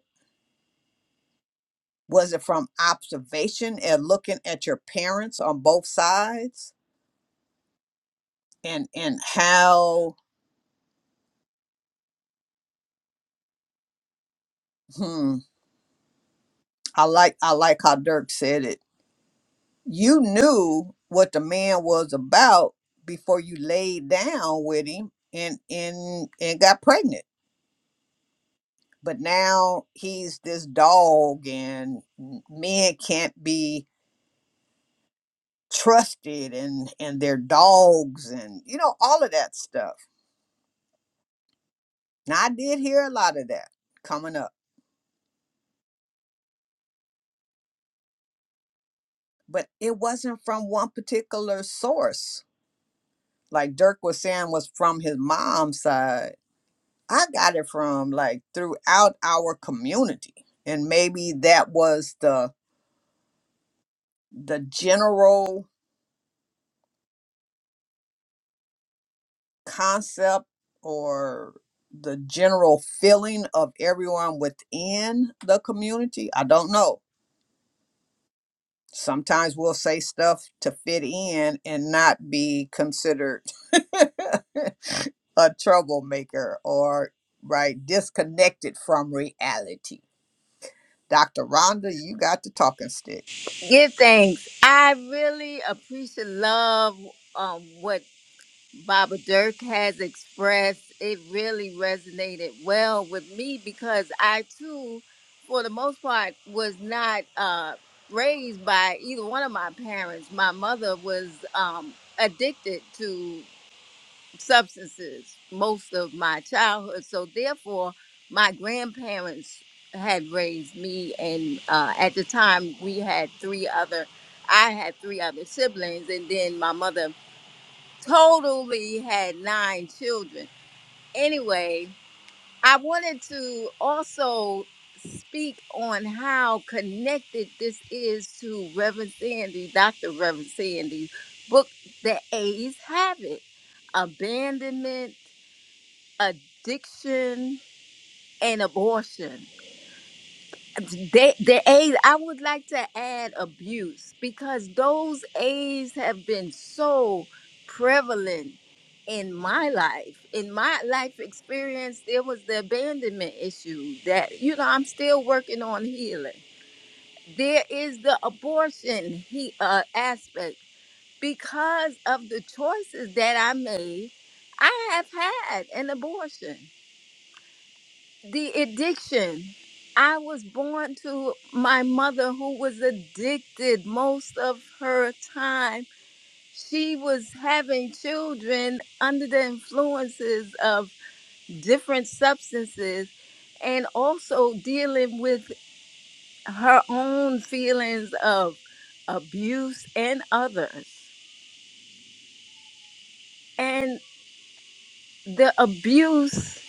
Speaker 2: Was it from observation and looking at your parents on both sides? and and how Hmm. I like I like how Dirk said it. You knew what the man was about before you laid down with him and and and got pregnant. But now he's this dog, and m- men can't be trusted, and and they're dogs, and you know all of that stuff. Now I did hear a lot of that coming up, but it wasn't from one particular source. Like Dirk was saying, was from his mom's side I got it from like throughout our community. And maybe that was the the general concept or the general feeling of everyone within the community. I don't know. Sometimes we'll say stuff to fit in and not be considered a troublemaker or right disconnected from reality. Dr. Rhonda, you got the talking stick.
Speaker 1: Give thanks. I really appreciate love um, what Baba Dirk has expressed. It really resonated well with me because I too, for the most part, was not uh, raised by either one of my parents. My mother was um, addicted to substances most of my childhood. So therefore, my grandparents had raised me, and uh, at the time we had three other, I had three other siblings, and then my mother totally had nine children. Anyway, I wanted to also speak on how connected this is to Reverend Sandy, Dr. Reverend Sandy's book, The A's Habit, Abandonment addiction and abortion. They, the AIDS, I would like to add abuse because those AIDS have been so prevalent in my life. In my life experience, there was the abandonment issue that, you know, I'm still working on healing. There is the abortion he, uh, aspect because of the choices that I made. I have had an abortion the addiction. I was born to my mother who was addicted most of her time. She was having children under the influences of different substances and also dealing with her own feelings of abuse and others. And the abuse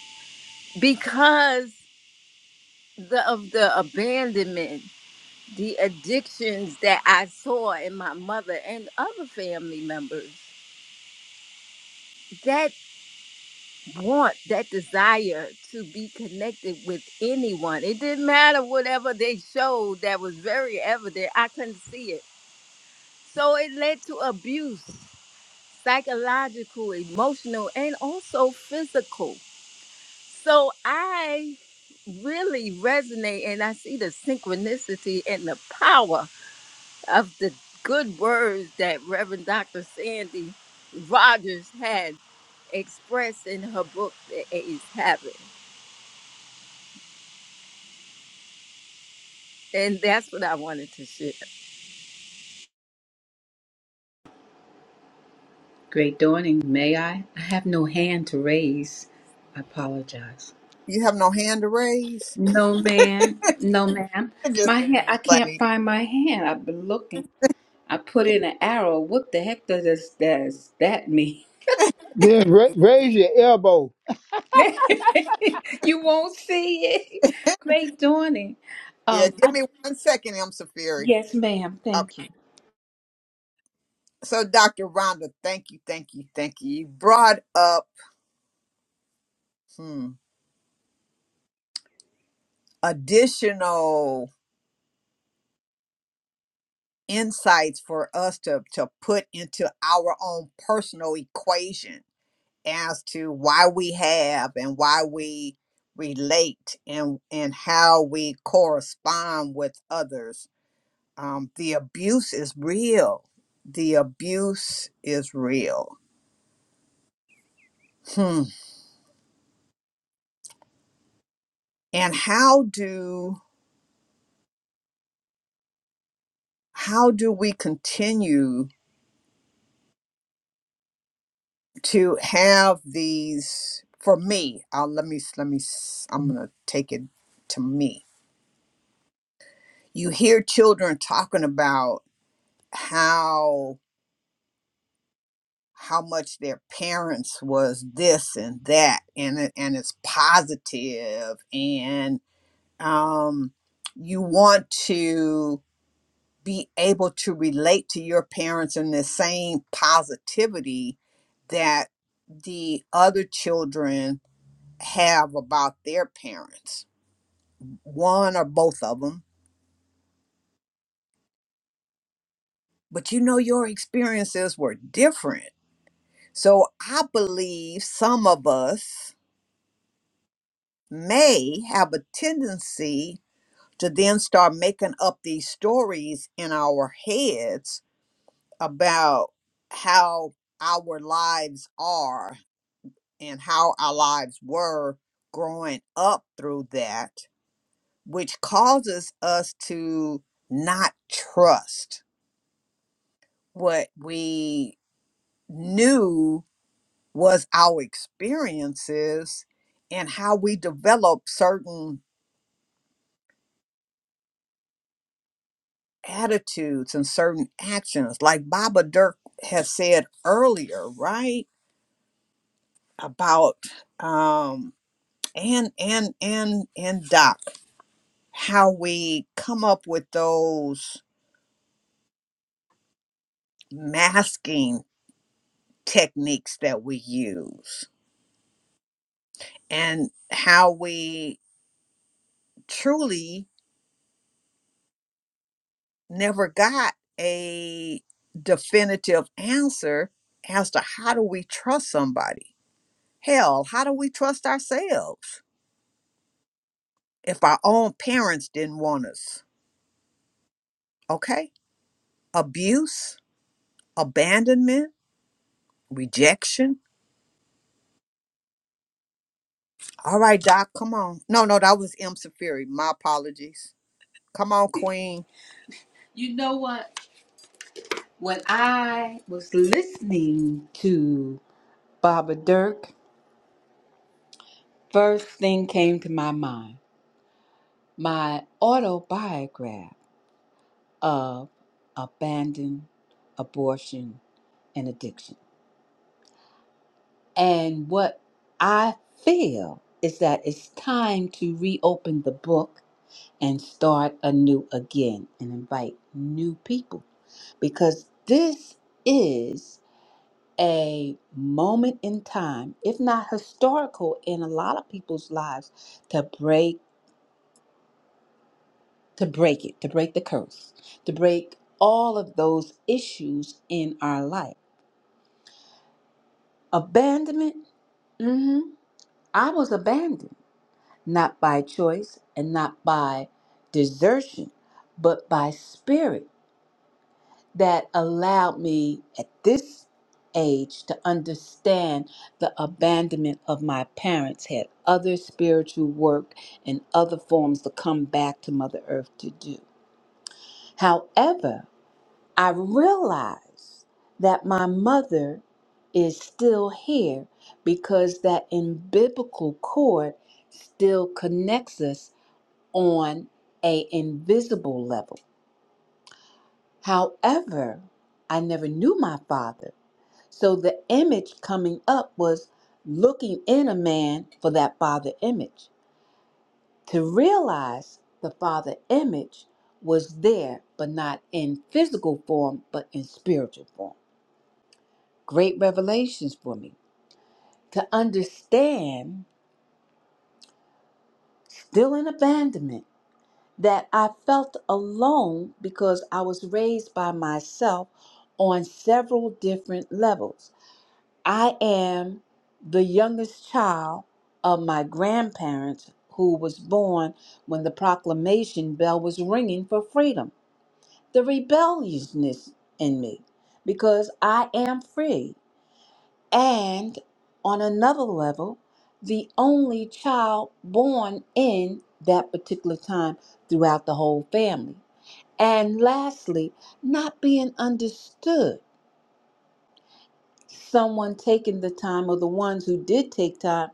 Speaker 1: because the, of the abandonment the addictions that I saw in my mother and other family members. That want, that desire to be connected with anyone. It didn't matter whatever they showed that was very evident. I couldn't see it. So it led to abuse, psychological, emotional, and also physical. So I really resonate and I see the synchronicity and the power of the good words that Reverend Dr. Sandy Rogers had expressed in her book, The AIDS Habit. And that's what I wanted to share.
Speaker 4: Great dawning, may I? I have no hand to raise. I apologize.
Speaker 2: You have no hand to raise?
Speaker 4: No, man. No, ma'am.
Speaker 2: You're just
Speaker 4: My hand, I can't
Speaker 2: funny.
Speaker 4: find my hand. I've been looking. I put in an arrow. What the heck does this, does that mean?
Speaker 3: Then ra- raise your elbow.
Speaker 4: you won't see it. Great dawning.
Speaker 2: Yeah,
Speaker 4: Um,
Speaker 2: give
Speaker 4: I,
Speaker 2: me one second, I'm so fury.
Speaker 4: yes, ma'am.
Speaker 2: Okay.
Speaker 4: Thank you.
Speaker 2: So, Dr. Rhonda, thank you, thank you, thank you. You brought up hmm, additional insights for us to, to put into our own personal equation as to why we have and why we relate and and how we correspond with others. Um, the abuse is real. The abuse is real. Hmm. and how do how do we continue to have these for me I'll, let me let me s- i'm gonna take it to me you hear children talking about how how much their parents was this and that and it, and it's positive and um you want to be able to relate to your parents in the same positivity that the other children have about their parents, one or both of them. But you know, your experiences were different. So I believe some of us may have a tendency to then start making up these stories in our heads about how our lives are and how our lives were growing up through that, which causes us to not trust what we knew was our experiences and how we develop certain attitudes and certain actions. Like Baba Dirk has said earlier, right? About um and and and and Doc, how we come up with those masking techniques that we use and how we truly never got a definitive answer as to how do we trust somebody hell how do we trust ourselves if our own parents didn't want us okay abuse abandonment rejection all right doc come on no no that was m Safiri. my apologies come on queen
Speaker 4: You know what? When I was listening to Baba Dirk, first thing came to my mind. my autobiograph of abandon, abortion, and addiction. And what I feel is that it's time to reopen the book and start anew again and invite new people because this is a moment in time, if not historical in a lot of people's lives, to break to break it, to break the curse, to break all of those issues in our life. Abandonment, hmm I was abandoned, not by choice and not by desertion, but by spirit that allowed me at this age to understand the abandonment of my parents had other spiritual work and other forms to come back to Mother Earth to do. However, I realize that my mother is still here because that in biblical cord still connects us on a invisible level. However, I never knew my father. So the image coming up was looking in a man for that father image. To realize the father image was there, but not in physical form, but in spiritual form. great revelations for me to understand still in abandonment that I felt alone because I was raised by myself on several different levels. I am the youngest child of my grandparents who was born when the proclamation bell was ringing for freedom. The rebelliousness in me because I am free And on another level, the only child born in that particular time throughout the whole family. And lastly, not being understood. Someone taking the time, or the ones who did take time,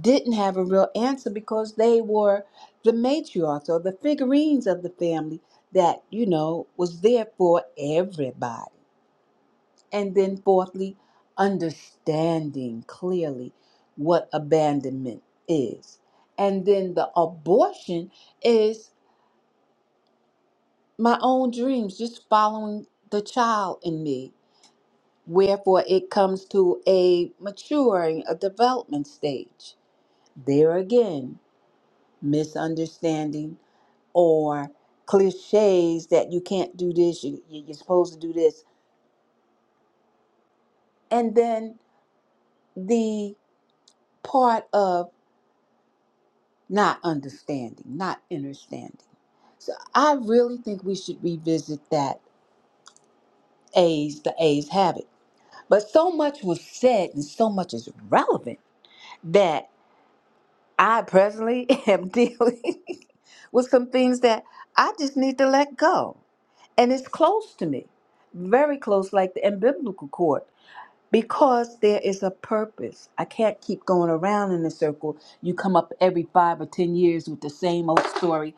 Speaker 4: didn't have a real answer because they were the matriarchs or the figurines of the family that, you know, was there for everybody. And then, fourthly, understanding clearly what abandonment is. And then the abortion is my own dreams, just following the child in me. Wherefore, it comes to a maturing, a development stage. There again, misunderstanding or cliches that you can't do this, you, you- you're supposed to do this. And then the part of not understanding, not understanding. So I really think we should revisit that A's, the A's habit. But so much was said and so much is relevant that I personally am dealing with some things that I just need to let go. And it's close to me, very close, like the umbilical cord. Because there is a purpose. I can't keep going around in a circle. You come up every five or 10 years with the same old story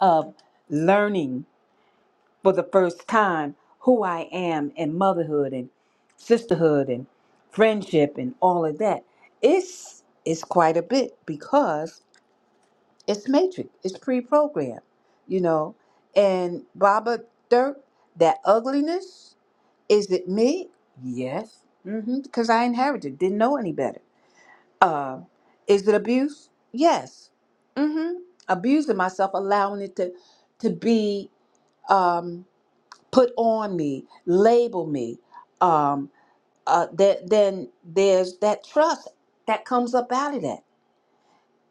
Speaker 4: of learning for the first time who I am and motherhood and sisterhood and friendship and all of that. It's, it's quite a bit because it's matrix, it's pre programmed, you know. And Baba Dirk, that ugliness, is it me? Yes. Mm. hmm Because I inherited, didn't know any better. Uh, is it abuse? Yes. Mm. hmm Abusing myself, allowing it to to be um, put on me, label me. Um, uh, that then there's that trust that comes up out of that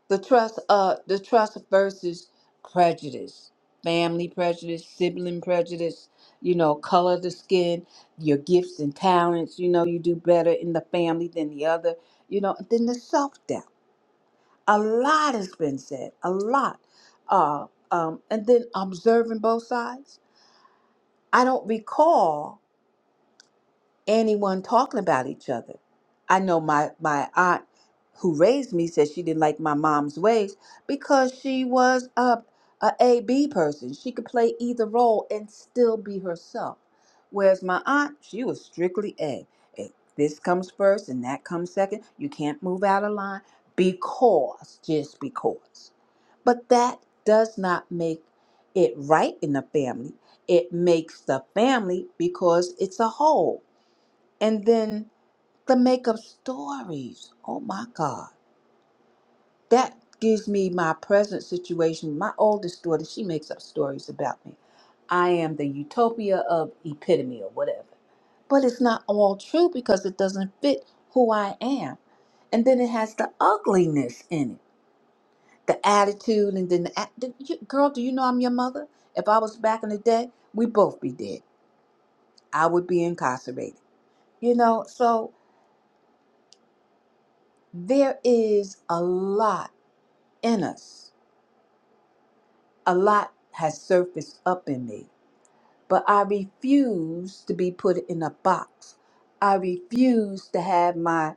Speaker 4: the trust uh the trust versus prejudice family prejudice sibling prejudice you know color of the skin your gifts and talents you know you do better in the family than the other you know and then the self-doubt a lot has been said a lot uh um and then observing both sides i don't recall anyone talking about each other. I know my my aunt who raised me said she didn't like my mom's ways because she was a a A B person. She could play either role and still be herself. Whereas my aunt, she was strictly A. If this comes first and that comes second. You can't move out of line because just because. But that does not make it right in the family. It makes the family because it's a whole and then the make up stories. Oh my God. That gives me my present situation. My oldest daughter, she makes up stories about me. I am the utopia of epitome or whatever. But it's not all true because it doesn't fit who I am. And then it has the ugliness in it, the attitude, and then the act. Girl, do you know I'm your mother? If I was back in the day, we'd both be dead. I would be incarcerated. You know, so there is a lot in us. A lot has surfaced up in me, but I refuse to be put in a box. I refuse to have my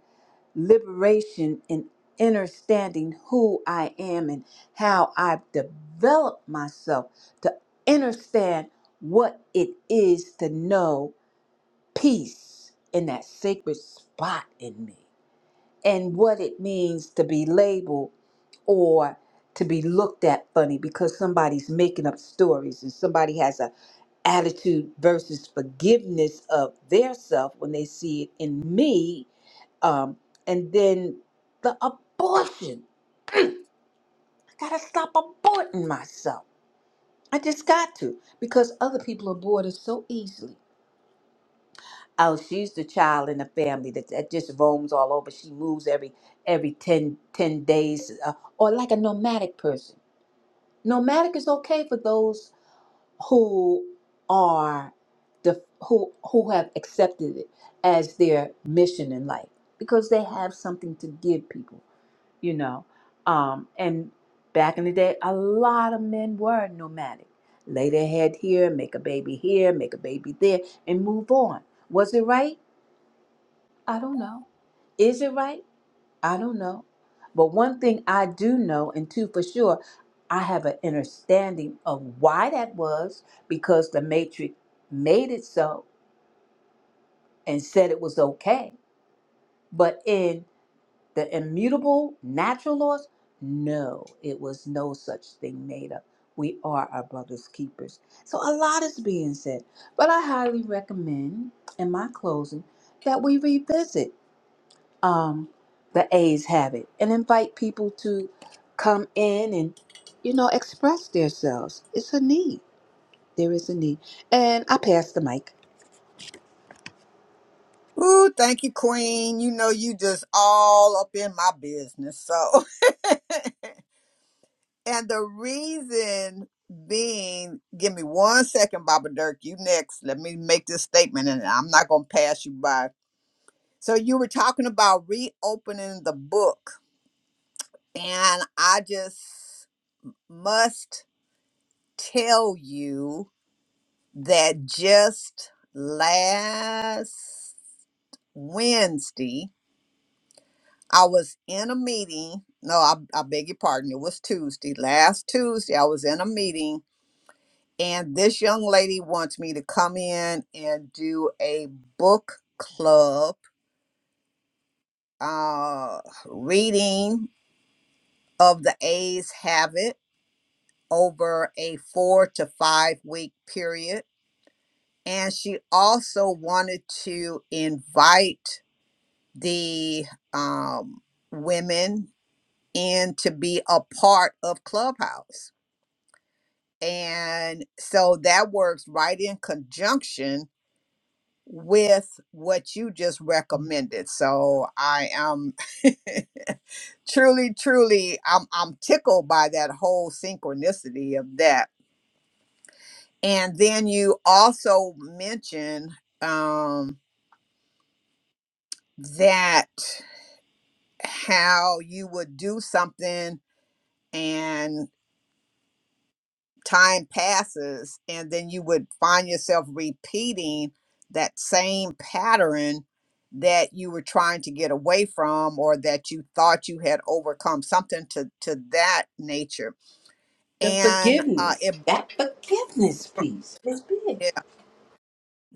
Speaker 4: liberation and understanding who I am and how I've developed myself to understand what it is to know peace in that sacred spot in me. and what it means to be labeled or to be looked at funny because somebody's making up stories and somebody has a attitude versus forgiveness of their self when they see it in me um, and then the abortion i gotta stop aborting myself i just got to because other people abort us so easily Oh, she's the child in the family that, that just roams all over. She moves every every 10 10 days, uh, or like a nomadic person. Nomadic is okay for those who are the who who have accepted it as their mission in life because they have something to give people, you know. Um, and back in the day, a lot of men were nomadic. Lay their head here, make a baby here, make a baby there, and move on. Was it right? I don't know. Is it right? I don't know. But one thing I do know, and two for sure, I have an understanding of why that was because the Matrix made it so and said it was okay. But in the immutable natural laws, no, it was no such thing made up. We are our brother's keepers. So a lot is being said. But I highly recommend, in my closing, that we revisit. um, the A's have it and invite people to come in and, you know, express themselves. It's a need. There is a need. And I pass the mic.
Speaker 2: Ooh, thank you, Queen. You know, you just all up in my business. So, and the reason being, give me one second, Baba Dirk. You next. Let me make this statement, and I'm not going to pass you by. So, you were talking about reopening the book, and I just must tell you that just last Wednesday, I was in a meeting. No, I, I beg your pardon. It was Tuesday. Last Tuesday, I was in a meeting, and this young lady wants me to come in and do a book club uh, reading of The A's Habit over a four to five week period. And she also wanted to invite the um, women in to be a part of Clubhouse. And so that works right in conjunction with what you just recommended. So I am truly, truly, I'm, I'm tickled by that whole synchronicity of that. And then you also mentioned um, that how you would do something and. time passes and then you would find yourself repeating that same pattern that you were trying to get away from or that you thought you had overcome something to to that nature
Speaker 4: The
Speaker 2: and uh
Speaker 4: forgiveness,
Speaker 2: it
Speaker 4: that forgiveness piece is big.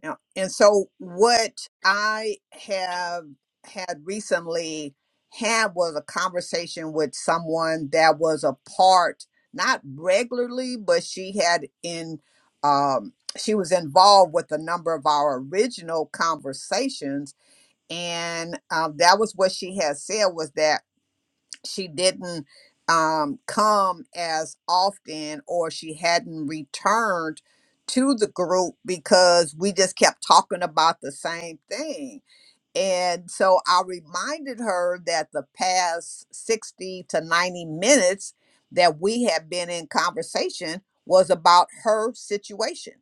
Speaker 2: Yeah. And so what I have had recently had was a conversation with someone that was a part, not regularly, but she had in um she was involved with a number of our original conversations and um, that was what she had said was that she didn't um, come as often or she hadn't returned to the group because we just kept talking about the same thing and so I reminded her that the past 60 to 90 minutes that we had been in conversation was about her situation.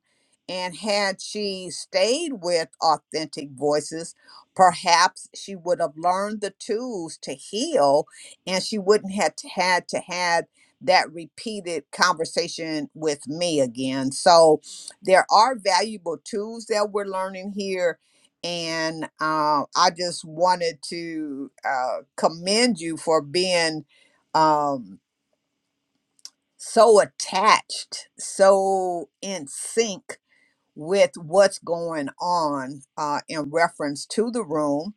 Speaker 2: And had she stayed with authentic voices, perhaps she would have learned the tools to heal and she wouldn't have t- had to had that repeated conversation with me again. So there are valuable tools that we're learning here and uh, I just wanted to uh, commend you for being um, so attached, so in sync with what's going on uh, in reference to the room.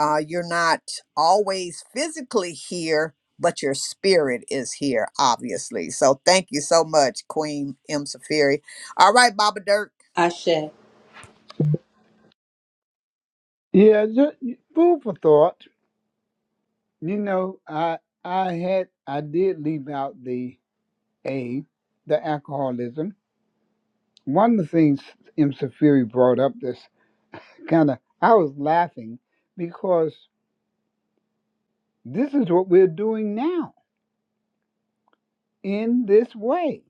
Speaker 2: Uh, you're not always physically here, but your spirit is here, obviously. So thank you so much, Queen M. Safiri. All right, Baba Dirk.
Speaker 4: Ashe,
Speaker 3: Yeah, just food for thought. You know, I I had I did leave out the A, the alcoholism. One of the things M. Safiri brought up this kind of I was laughing because this is what we're doing now in this way.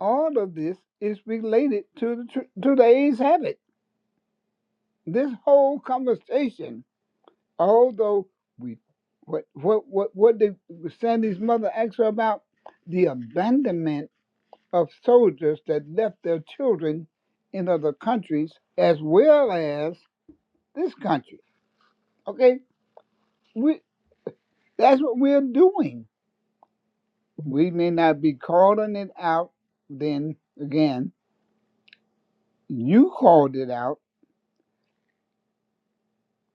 Speaker 3: All of this is related to the tr- to the A's habit. This whole conversation, although we what what what what did Sandy's mother ask her about the abandonment of soldiers that left their children in other countries as well as this country. Okay? We that's what we're doing. We may not be calling it out then again. You called it out.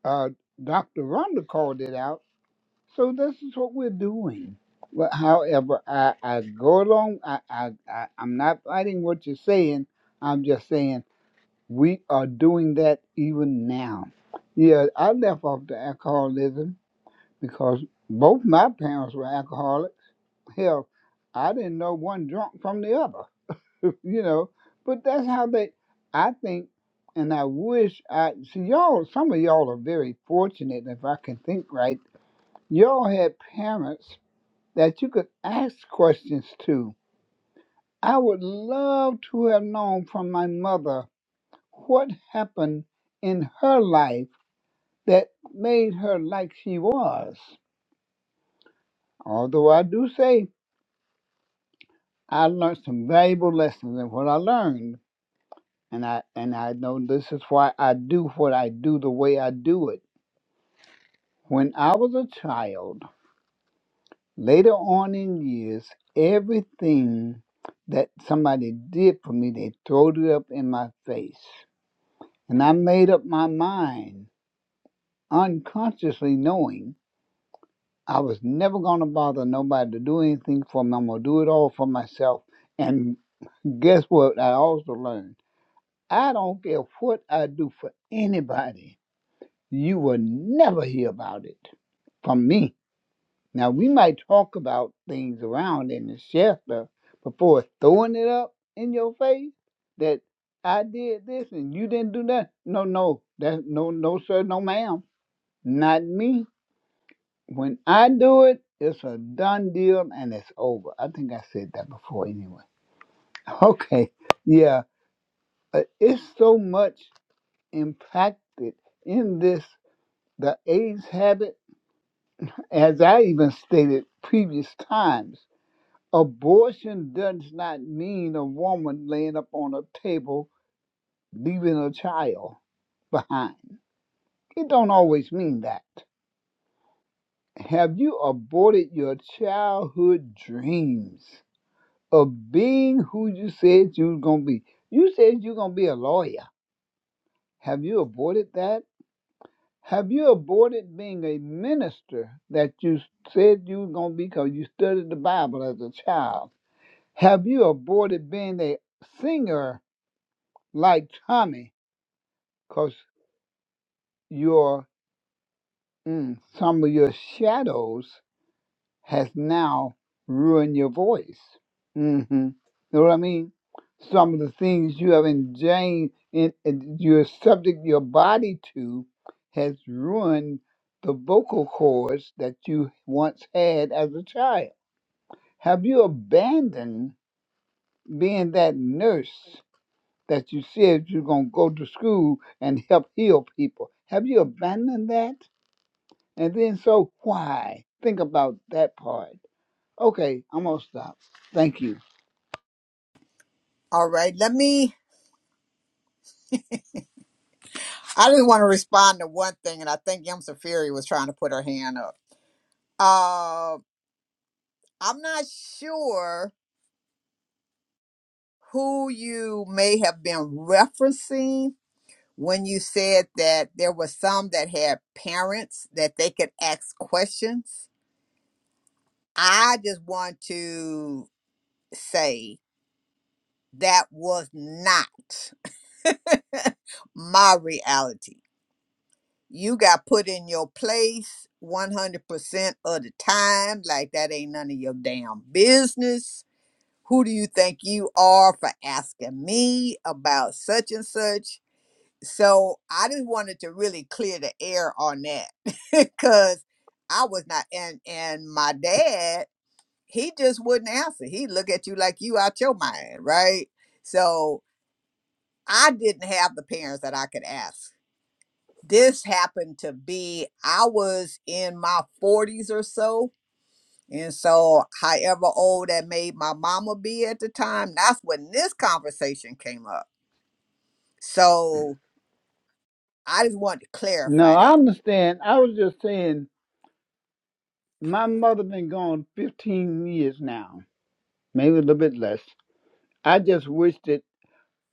Speaker 3: Uh, Dr. Rhonda called it out. So this is what we're doing. But however, I, I go along. I, I, I, I'm not fighting what you're saying. I'm just saying We are doing that even now. Yeah, I left off the alcoholism because both my parents were alcoholics. Hell, I didn't know one drunk from the other, you know. But that's how they, I think, and I wish I, see, y'all, some of y'all are very fortunate if I can think right. Y'all had parents that you could ask questions to. I would love to have known from my mother what happened in her life that made her like she was. Although I do say I learned some valuable lessons in what I learned, and I and I know this is why I do what I do the way I do it. When I was a child, later on in years, everything that somebody did for me, they throwed it up in my face. And I made up my mind, unconsciously knowing I was never going to bother nobody to do anything for me. I'm going to do it all for myself. And guess what? I also learned I don't care what I do for anybody, you will never hear about it from me. Now, we might talk about things around in the shelter before throwing it up in your face that I did this and you didn't do that. No, no, that no, no, sir, no, ma'am, not me. When I do it, it's a done deal and it's over. I think I said that before anyway. Okay. Yeah. Uh, It's so much impacted in this, the AIDS habit, as I even stated previous times. Abortion does not mean a woman laying up on a table leaving a child behind. It don't always mean that. Have you aborted your childhood dreams? of being who you said you were going to be. You said you're going to be a lawyer. Have you avoided that? Have you avoided being a minister that you said you were going to be because you studied the Bible as a child? Have you avoided being a singer like Tommy because your mm, some of your shadows has now ruined your voice. Mm-hmm. Know what I mean? Some of the things you have enjoined in, in you subject your body to has ruined the vocal cords that you once had as a child. Have you abandoned being that nurse that you said you're going to go to school and help heal people? Have you abandoned that? And then, so why? Think about that part Okay, I'm gonna stop. Thank you.
Speaker 2: All right, let me I just want to respond to one thing, and I think Yum Safiri was trying to put her hand up. Uh, I'm not sure who you may have been referencing when you said that there were some that had parents that they could ask questions. I just want to say that was not my reality. you got put in your place 100% of the time like that ain't none of your damn business who do you think you are for asking me about such and such so i just wanted to really clear the air on that because i was not and and my dad he just wouldn't answer he look at you like you out your mind right so i didn't have the parents that i could ask this happened to be I was in my 40s or so. And so, however old that made my mama be at the time, that's when this conversation came up. So, I just wanted to
Speaker 3: No,
Speaker 2: clarify
Speaker 3: I
Speaker 2: that.
Speaker 3: understand. I was just saying my mother been gone fifteen years now, maybe a little bit less. I just wish that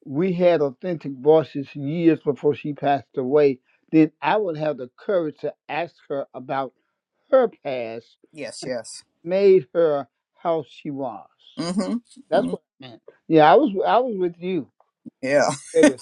Speaker 3: we had authentic voices years before she passed away. Then I would have the courage to ask her about her past,
Speaker 2: Yes, yes.
Speaker 3: made her how she was.
Speaker 2: Mm-hmm.
Speaker 3: That's
Speaker 2: hmm
Speaker 3: what I meant. Yeah, I was I was with you,
Speaker 2: Yeah.
Speaker 3: baby.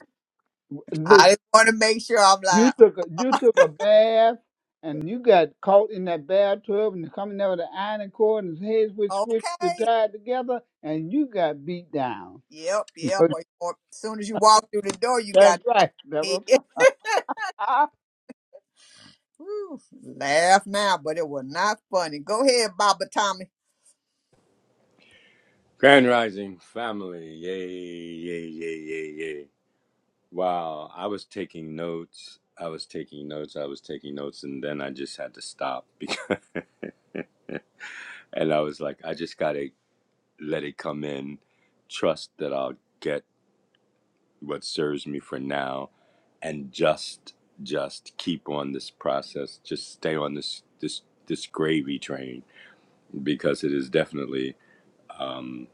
Speaker 3: Listen.
Speaker 2: I just want to make sure I'm
Speaker 3: You
Speaker 2: like,
Speaker 3: took a, you took a bath and you got caught in that bathtub and coming out of the iron cord and his heads were switched to
Speaker 2: okay,
Speaker 3: tied together and you got beat down.
Speaker 2: yep, yep. Or, or as soon as you walk through the door, you
Speaker 3: That's
Speaker 2: got
Speaker 3: right. That's what-
Speaker 2: Woo, laugh now, but it was not funny. Go ahead, Baba Thomas.
Speaker 5: Grand Rising family, yay, yay, yay, yay, yay. Wow, I was taking notes. I was taking notes. I was taking notes, and then I just had to stop because, and I was like, I just gotta let it come in, trust that I'll get what serves me for now, and just, just keep on this process. Just stay on this, this, this gravy train because it is definitely, um,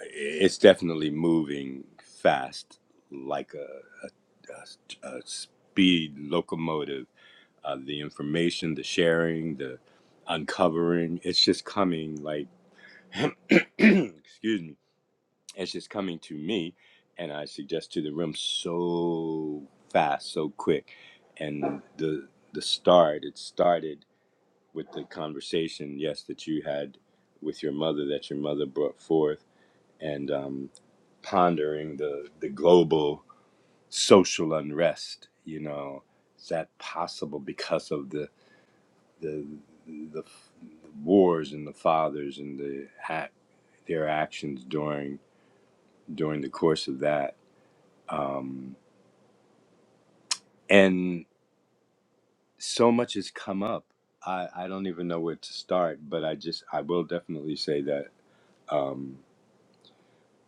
Speaker 5: it's definitely moving fast like a. uh, uh, speed locomotive. Uh, the information, the sharing, the uncovering, it's just coming like, excuse me, it's just coming to me. And I suggest to the room so fast, so quick. And the, the start, it started with the conversation, yes, that you had with your mother, that your mother brought forth, and um, pondering the, the global social unrest. You know, is that possible because of the the the, f- wars and the fathers and the act, their actions during during the course of that? Um, and so much has come up. I, I don't even know where to start, but I just I will definitely say that um,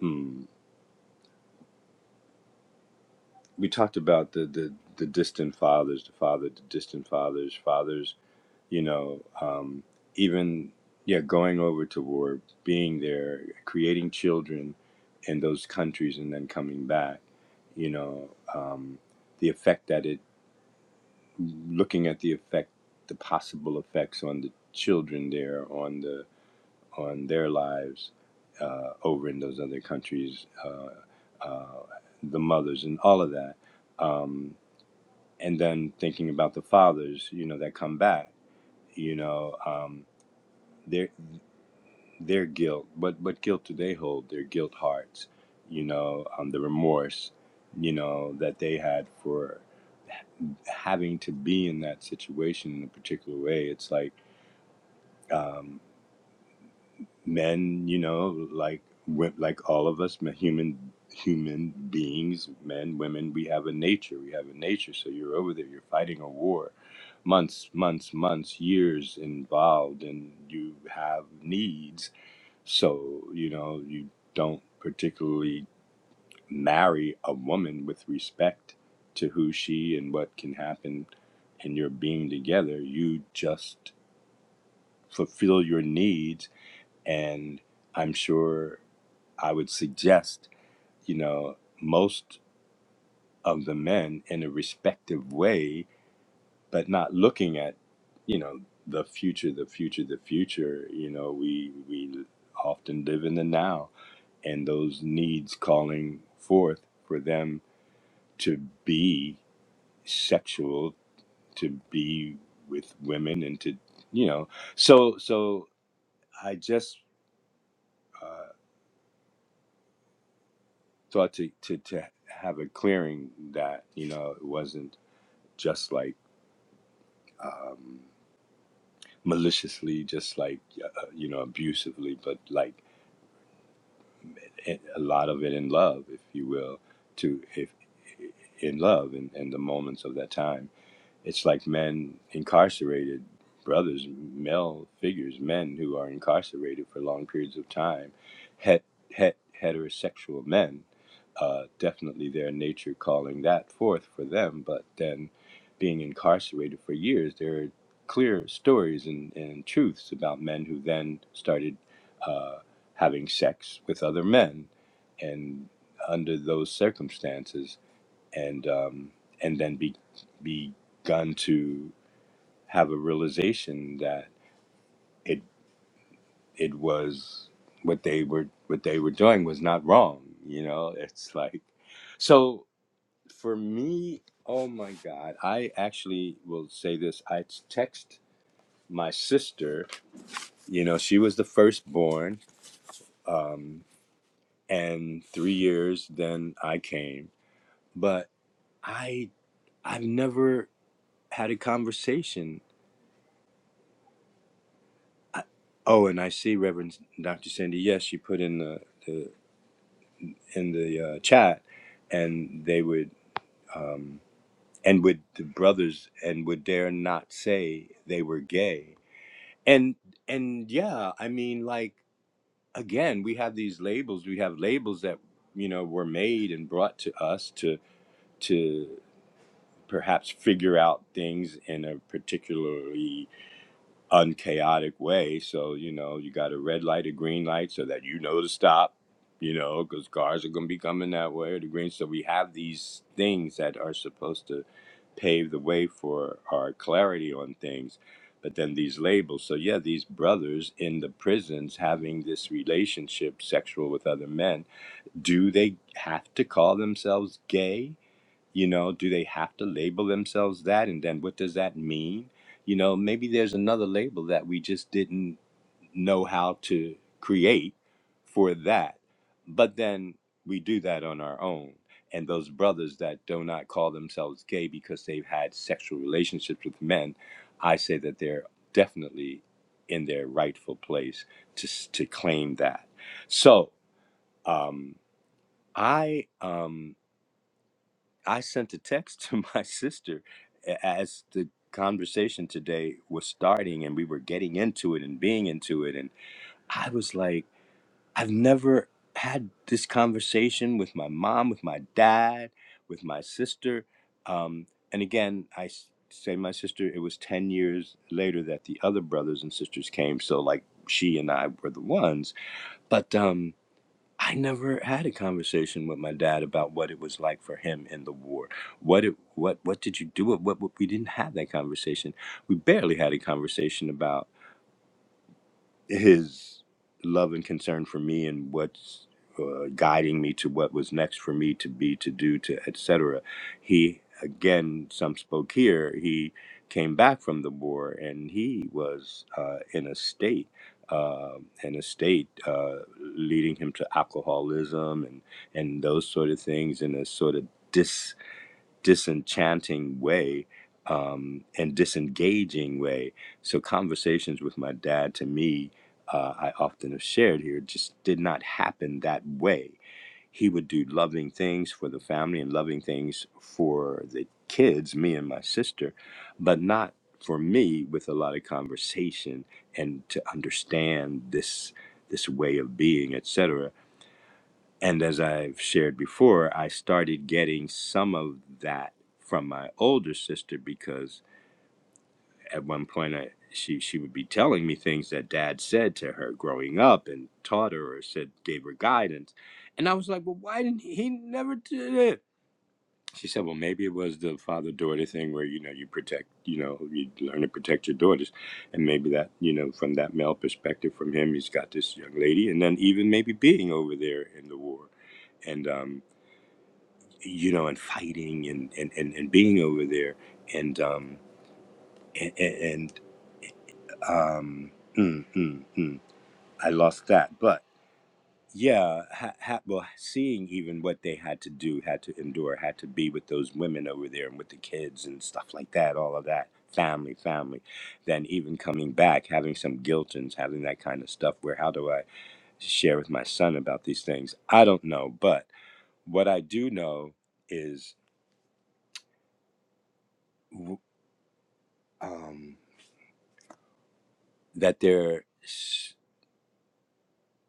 Speaker 5: hmm, we talked about the, the the distant fathers, the father, the distant fathers, fathers you know, um, even yeah, going over to war, being there, creating children in those countries, and then coming back, you know, um, the effect that it, looking at the effect, the possible effects on the children there, on the on their lives uh, over in those other countries, uh, uh, the mothers and all of that, um, and then thinking about the fathers, you know, that come back, you know. Um, there their guilt. But what guilt do they hold? Their guilt hearts, you know, um, the remorse, you know, that they had for having to be in that situation in a particular way. It's like um, men, you know, like like all of us, human human beings, men, women, we have a nature. We have a nature. So you're over there, you're fighting a war. Months, months, months, years involved, and you have needs So, you know, you don't particularly marry a woman with respect to who she and what can happen in your being together. You just fulfill your needs. And I'm sure I would suggest, you know, most of the men in a respective way, but not looking at, you know, the future, the future, the future. You know, we, we often live in the now and those needs calling forth for them to be sexual, to be with women, and to you know. So so I just uh, thought to, to to have a clearing that you know it wasn't just like um, maliciously, just like uh, uh, you know abusively, but like a a lot of it in love, if you will, to if in love and, and the moments of that time it's like men incarcerated brothers male figures men who are incarcerated for long periods of time het, het, heterosexual men uh, definitely their nature calling that forth for them but then being incarcerated for years there are clear stories and, and truths about men who then started uh, having sex with other men and under those circumstances and um, and then be, begun to have a realization that it it was what they were what they were doing was not wrong. You know, it's like so for me. Oh my God! I actually will say this. I text my sister. You know, she was the firstborn, um, and three years then I came. But I I've never had a conversation I, Oh, and I see Reverend Dr. Cindy. Yes, she put in the, the in the uh, chat, and they would um, and would the brothers and would dare not say they were gay. And and yeah, I mean, like again, we have these labels. We have labels that you know were made and brought to us to to perhaps figure out things in a particularly unchaotic way. So, you know, you got a red light, a green light, so that you know to stop, you know, because cars are going to be coming that way or the green. So we have these things that are supposed to pave the way for our clarity on things. But then these labels. So, yeah, these brothers in the prisons having this relationship sexual with other men, do they have to call themselves gay? You know, do they have to label themselves that? And then what does that mean? You know, maybe there's another label that we just didn't know how to create for that. But then we do that on our own. And those brothers that do not call themselves gay because they've had sexual relationships with men, I say that they're definitely in their rightful place to, s- to claim that. So um, I Um, I sent a text to my sister as the conversation today was starting and we were getting into it and being into it. And I was like, I've never had this conversation with my mom, with my dad, with my sister. Um, and again, I s- say my sister, it was 10 years later that the other brothers and sisters came. So, like, she and I were the ones. But, um, I never had a conversation with my dad about what it was like for him in the war. What it what what did you do? What, what we didn't have that conversation. We barely had a conversation about his love and concern for me and what's uh, guiding me to what was next for me to be to do to etc he again some spoke here he came back from the war and he was uh, in a state uh, in a state uh, leading him to alcoholism and and those sort of things and a sort of dis disenchanting way um, and disengaging way. So, conversations with my dad to me, uh, I often have shared here, just did not happen that way. He would do loving things for the family and loving things for the kids, me and my sister, but not for me with a lot of conversation and to understand this this way of being etc and as I've shared before, I started getting some of that from my older sister because at one point I, she she would be telling me things that dad said to her growing up and taught her or said gave her guidance. And I was like, "Well, why didn't he, he never did it?" She said, "Well, maybe it was the father-daughter thing where you know you protect, you know, you learn to protect your daughters, and maybe that, you know, from that male perspective from him, he's got this young lady and then even maybe being over there in the war." and um, you know, and fighting and and and, and being over there, and um and, and um mm, mm, mm, I lost that, but yeah, ha, ha, well, seeing even what they had to do, had to endure, had to be with those women over there and with the kids and stuff like that, all of that family, family, then even coming back, having some guilt and having that kind of stuff. Where how do I share with my son about these things? I don't know, but what I do know is. w- um, that there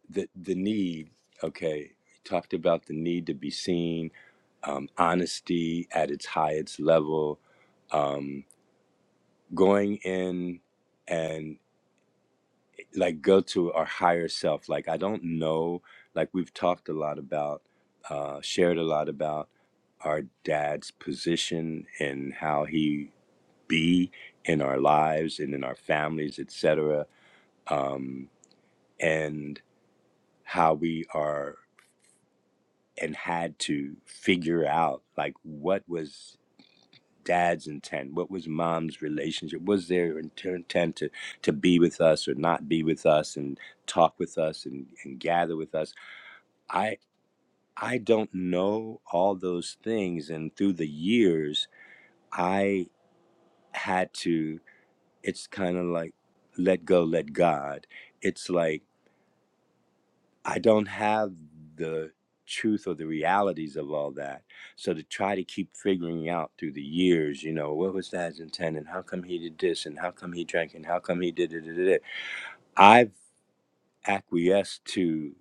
Speaker 5: the the need okay we talked about the need to be seen um, honesty at its highest level um, going in and like go to our higher self like i don't know like we've talked a lot about uh, shared a lot about our dad's position and how he be in our lives and in our families etc um, and how we are and had to figure out like what was dad's intent what was mom's relationship was their intent to to be with us or not be with us and talk with us and, and gather with us i i don't know all those things and through the years i had to it's kind of like let go let god it's like I don't have the truth or the realities of all that. So to try to keep figuring out through the years, you know, what was dad's intent and how come he did this and how come he drank and how come he did it. it, it, it. I've acquiesced to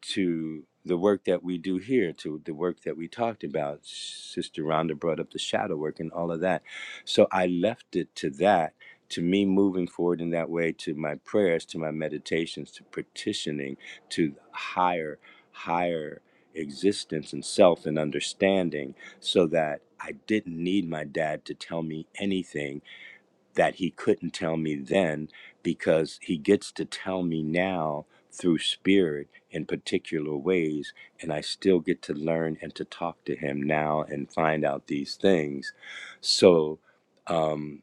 Speaker 5: to the work that we do here, to the work that we talked about. Sister Rhonda brought up the shadow work and all of that. So I left it to that, to me moving forward in that way, to my prayers, to my meditations, to petitioning, to higher, higher existence and self and understanding, so that I didn't need my dad to tell me anything that he couldn't tell me then because he gets to tell me now through spirit in particular ways and I still get to learn and to talk to him now and find out these things so um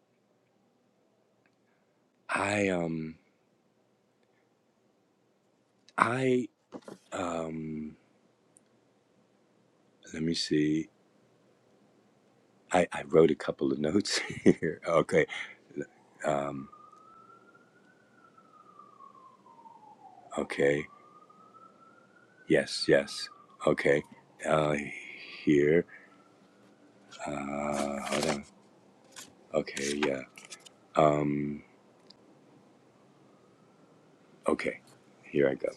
Speaker 5: I um I um let me see I I wrote a couple of notes here okay um okay yes yes okay uh here uh hold on okay yeah um Okay, here I go.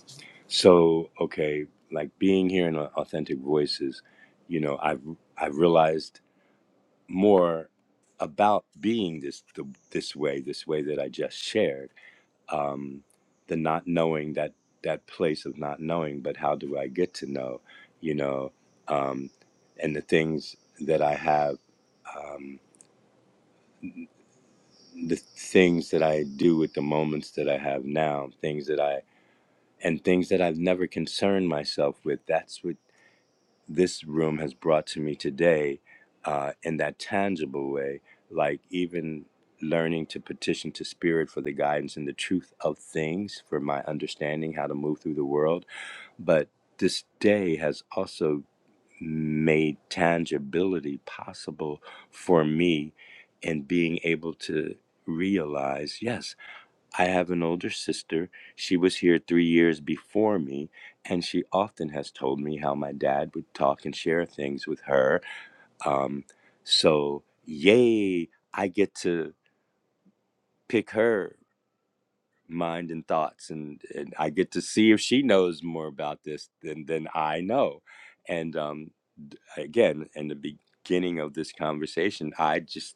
Speaker 5: So, okay, like being here in Authentic Voices, you know, I've I've realized more about being this the, this way, this way that I just shared, um, the not knowing that that place of not knowing, but how do I get to know, you know, um, and the things that I have, um, the things that I do with the moments that I have now, things that I and things that I've never concerned myself with. That's what this room has brought to me today uh, in that tangible way, like even learning to petition to spirit for the guidance and the truth of things, for my understanding how to move through the world. But this day has also made tangibility possible for me in being able to realize yes I have an older sister. She was here three years before me, and she often has told me how my dad would talk and share things with her. Um, so, yay, I get to pick her mind and thoughts, and, and I get to see if she knows more about this than, than I know. And um, d- again, in the beginning of this conversation, I just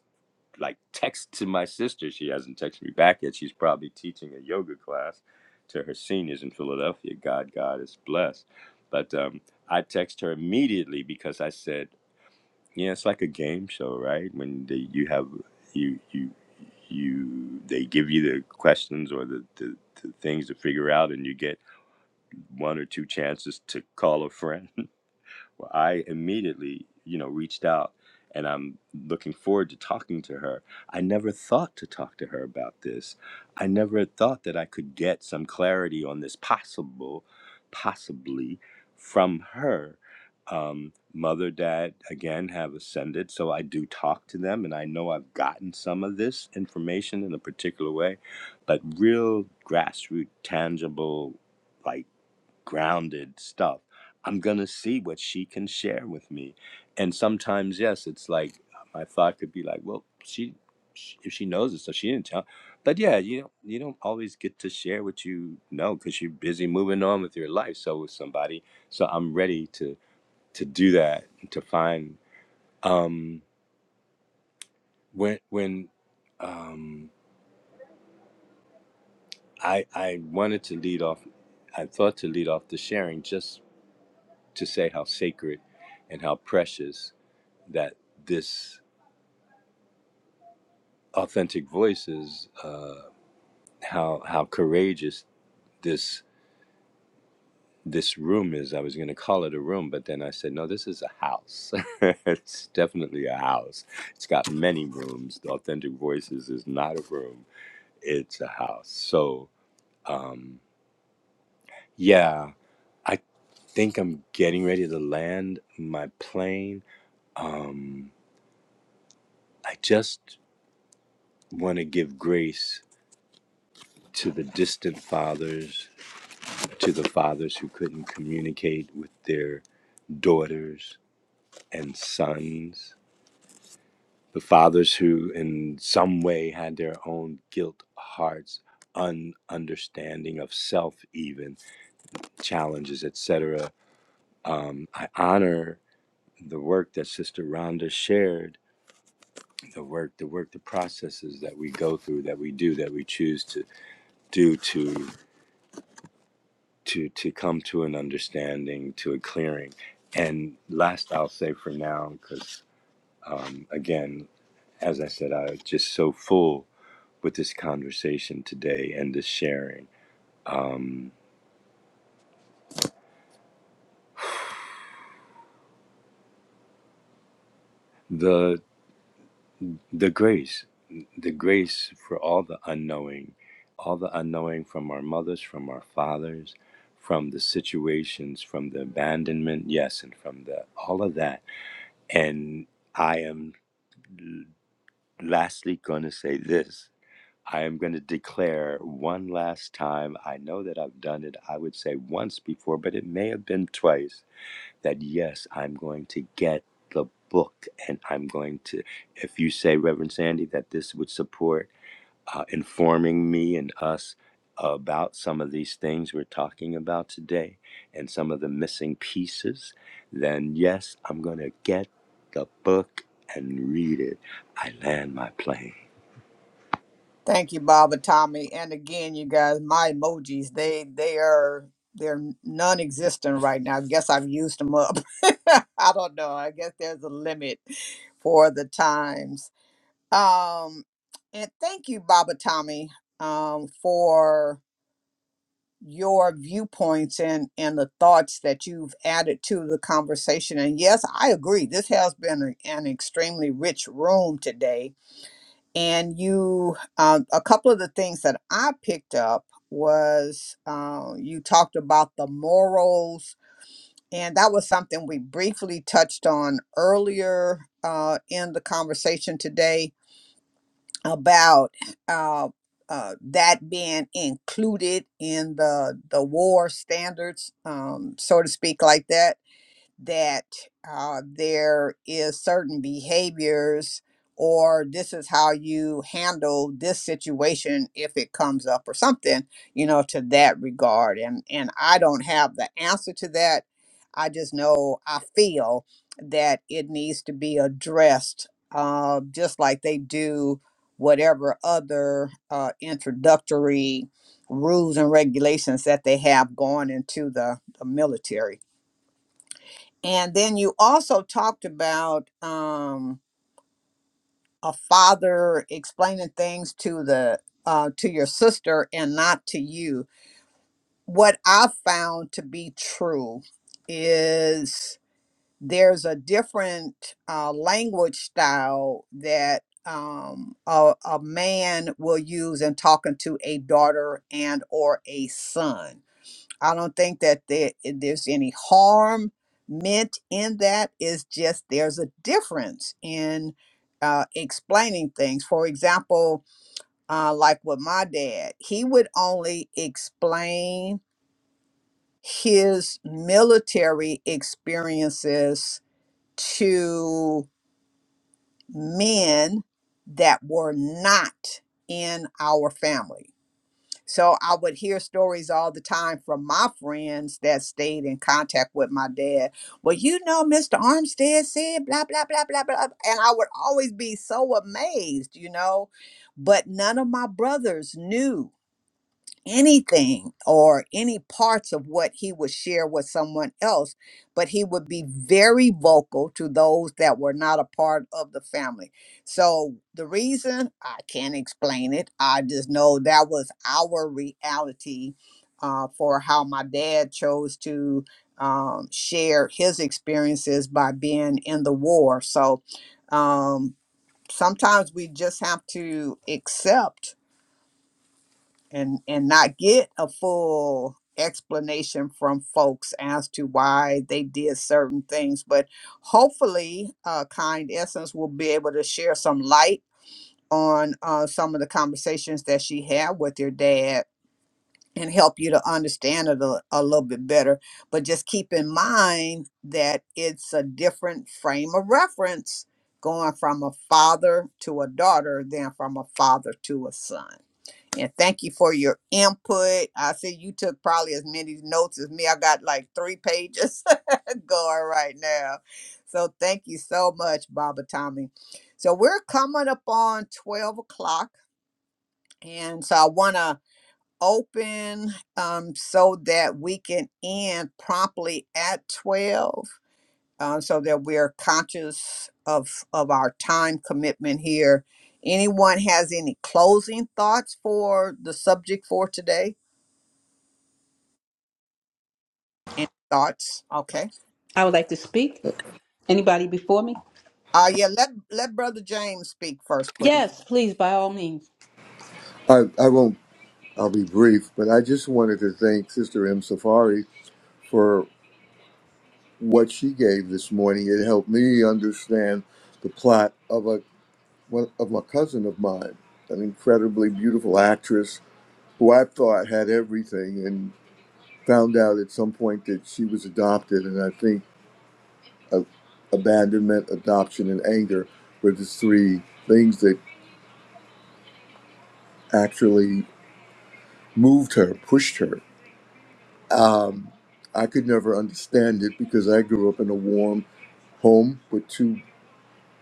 Speaker 5: like texting my sister. She hasn't texted me back yet. She's probably teaching a yoga class to her seniors in Philadelphia. God, God is blessed. But um, I text her immediately because I said, "Yeah, it's like a game show, right? When they, you have you you you they give you the questions or the, the the things to figure out, and you get one or two chances to call a friend." Well, I immediately, you know, reached out and I'm looking forward to talking to her. I never thought to talk to her about this. I never thought that I could get some clarity on this possible, possibly from her. Um, mother, dad, again, have ascended. So I do talk to them and I know I've gotten some of this information in a particular way, but real grassroots, tangible, like, grounded stuff. I'm going to see what she can share with me. And sometimes, yes, it's like my thought could be like, well, she, she if she knows it, so she didn't tell. But yeah, you don't, you don't always get to share what you know because you're busy moving on with your life. So with somebody, so I'm ready to to do that to find um, when when um, I I wanted to lead off, I thought to lead off the sharing just to say how sacred and how precious that this authentic voice is uh, how how courageous this this room is. I was going to call it a room, but then I said, no, this is a house. it's definitely a house. It's got many rooms. The authentic voices is not a room. It's a house. So um, yeah, I think I'm getting ready to land my plane. Um, I just want to give grace to the distant fathers to the fathers who couldn't communicate with their daughters and sons, the fathers who, in some way, had their own guilt hearts, ununderstanding of self, even challenges, etc. Um, I honor the work that Sister Rhonda shared, the work, the work, the processes that we go through, that we do, that we choose to do to to to come to an understanding to a clearing and last i'll say for now because um, again as i said i was just so full with this conversation today and this sharing um, the the grace the grace for all the unknowing all the unknowing from our mothers from our fathers from the situations from the abandonment yes and from the all of that and i am lastly going to say this I am going to declare one last time. I know that I've done it, I would say once before, but it may have been twice that yes, I'm going to get the book. And I'm going to, if you say, Reverend Sandy, that this would support uh, informing me and us about some of these things we're talking about today and some of the missing pieces, then yes, I'm going to get the book and read it. I land my plane.
Speaker 2: Thank you, Baba Tommy. And again, you guys, my emojis, they they are they're non-existent right now. I guess I've used them up. I don't know. I guess there's a limit for the times. Um and thank you, Baba Tommy, um, for your viewpoints and and the thoughts that you've added to the conversation. And yes, I agree. This has been a- an extremely rich room today and you uh, a couple of the things that i picked up was uh, you talked about the morals and that was something we briefly touched on earlier uh, in the conversation today about uh, uh, that being included in the the war standards um, so to speak like that that uh, there is certain behaviors or this is how you handle this situation if it comes up or something you know to that regard and and i don't have the answer to that i just know i feel that it needs to be addressed uh, just like they do whatever other uh, introductory rules and regulations that they have going into the, the military and then you also talked about um, a father explaining things to the uh, to your sister and not to you. What I found to be true is there's a different uh, language style that um, a, a man will use in talking to a daughter and or a son I don't think that there, there's any harm meant in that. It's just there's a difference in uh, explaining things. For example, uh, like with my dad, he would only explain his military experiences to men that were not in our family So I would hear stories all the time from my friends that stayed in contact with my dad. Well, you know, Mr. Armstead said blah, blah, blah, blah, blah. And I would always be so amazed, you know. But none of my brothers knew anything or any parts of what he would share with someone else, but he would be very vocal to those that were not a part of the family. So the reason I can't explain it, I just know that was our reality uh, for how my dad chose to um, share his experiences by being in the war. So um, sometimes we just have to accept and and not get a full explanation from folks as to why they did certain things but hopefully uh, kind essence will be able to share some light on uh, some of the conversations that she had with your dad and help you to understand it a, a little bit better but just keep in mind that it's a different frame of reference going from a father to a daughter than from a father to a son and thank you for your input. I see you took probably as many notes as me. I got like three pages going right now. So thank you so much, Baba Tommy. So we're coming up on 12 o'clock. And so I want to open um, so that we can end promptly at 12. Um, so that we're conscious of of our time commitment here. Anyone has any closing thoughts for the subject for today? Any thoughts? Okay.
Speaker 4: I would like to speak. Anybody before me?
Speaker 2: Uh yeah, let let Brother James speak first, please.
Speaker 4: Yes, please, by all means.
Speaker 6: I, I won't, I'll be brief, but I just wanted to thank Sister M. Safari for what she gave this morning. It helped me understand the plot of a one of my cousin of mine, an incredibly beautiful actress who I thought had everything and found out at some point that she was adopted. And I think uh, abandonment, adoption, and anger were the three things that actually moved her, pushed her Um, I could never understand it because I grew up in a warm home with two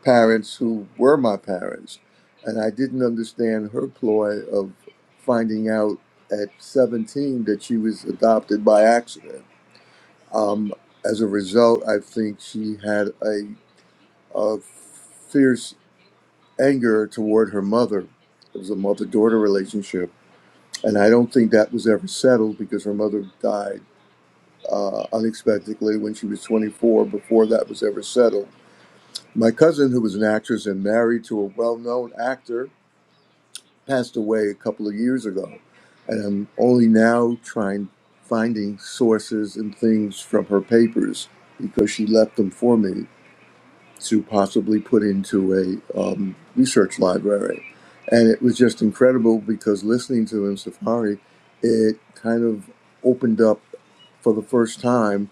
Speaker 6: parents who were my parents. And I didn't understand her ploy of finding out at 17 that she was adopted by accident. Um, as a result, I think she had a, a fierce anger toward her mother. It was a mother daughter relationship. And I don't think that was ever settled because her mother died uh, unexpectedly when she was 24 before that was ever settled. My cousin, who was an actress and married to a well known actor, passed away a couple of years ago. And I'm only now trying finding sources and things from her papers because she left them for me to possibly put into a um, research library. And it was just incredible because listening to him, Safari, it kind of opened up for the first time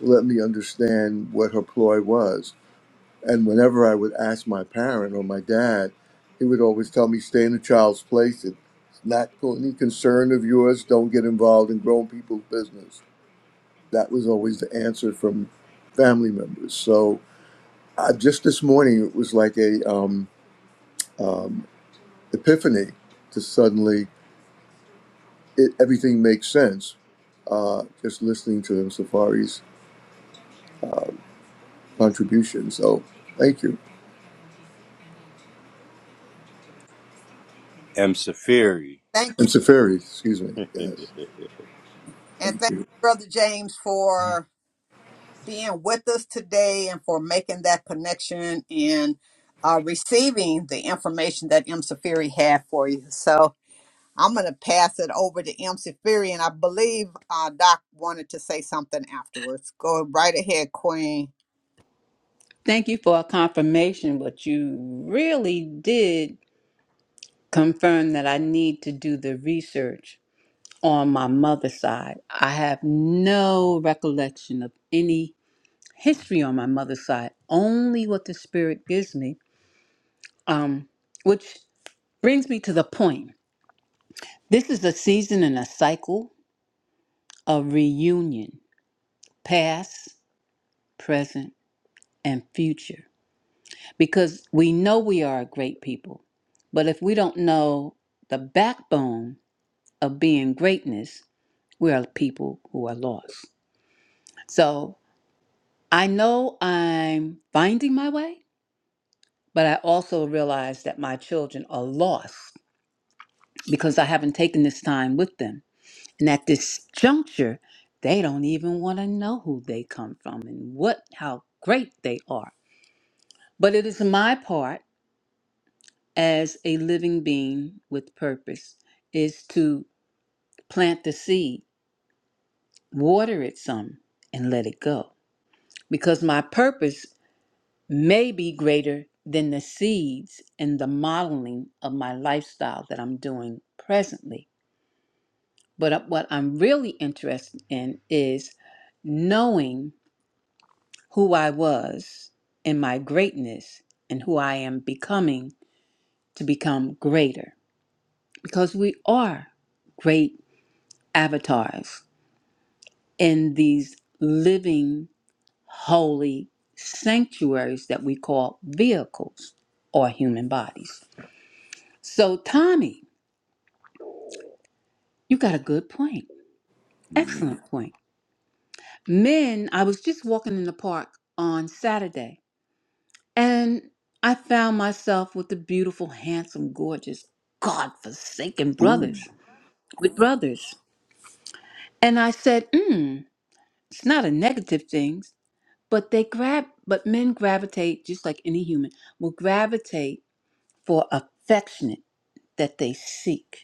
Speaker 6: let me understand what her ploy was. And whenever I would ask my parent or my dad, he would always tell me, stay in the child's place. It's not any concern of yours. Don't get involved in grown people's business. That was always the answer from family members. So I, just this morning, it was like a um, epiphany to suddenly it, everything makes sense uh, just listening to Safari's contribution. So thank you.
Speaker 5: M. Safiri.
Speaker 2: Thank you.
Speaker 6: And Safari, excuse me. Yes.
Speaker 2: And
Speaker 6: Thank
Speaker 2: thank
Speaker 6: you.
Speaker 2: you, Brother James for being with us today and for making that connection and uh, receiving the information that M. Safiri had for you. So I'm going to pass it over to M. Safiri, and I believe uh, Doc wanted to say something afterwards. Go right ahead, Queen.
Speaker 4: Thank you for a confirmation, but you really did confirm that I need to do the research on my mother's side. I have no recollection of any history on my mother's side, only what the Spirit gives me. Um, which brings me to the point. This is a season and a cycle of reunion, past, present, and future, because we know we are a great people. But if we don't know the backbone of being greatness, we are people who are lost. So I know I'm finding my way, but I also realize that my children are lost because I haven't taken this time with them. And at this juncture, they don't even want to know who they come from and what how great they are. But it is my part as a living being with purpose is to plant the seed, water it some and let it go because my purpose may be greater than the seeds and the modeling of my lifestyle that I'm doing presently. But uh, what I'm really interested in is knowing who I was in my greatness and who I am becoming to become greater. Because we are great avatars in these living, holy sanctuaries that we call vehicles or human bodies. So, Tommy, You got a good point.
Speaker 5: Mhm.
Speaker 4: Excellent point. Men, I was just walking in the park on Saturday and I found myself with the beautiful, handsome, gorgeous, godforsaken
Speaker 5: Ooh,
Speaker 4: brothers with brothers. And I said, mm, it's not a negative thing, but they grab, but men gravitate, just like any human, will gravitate for affectionate that they seek.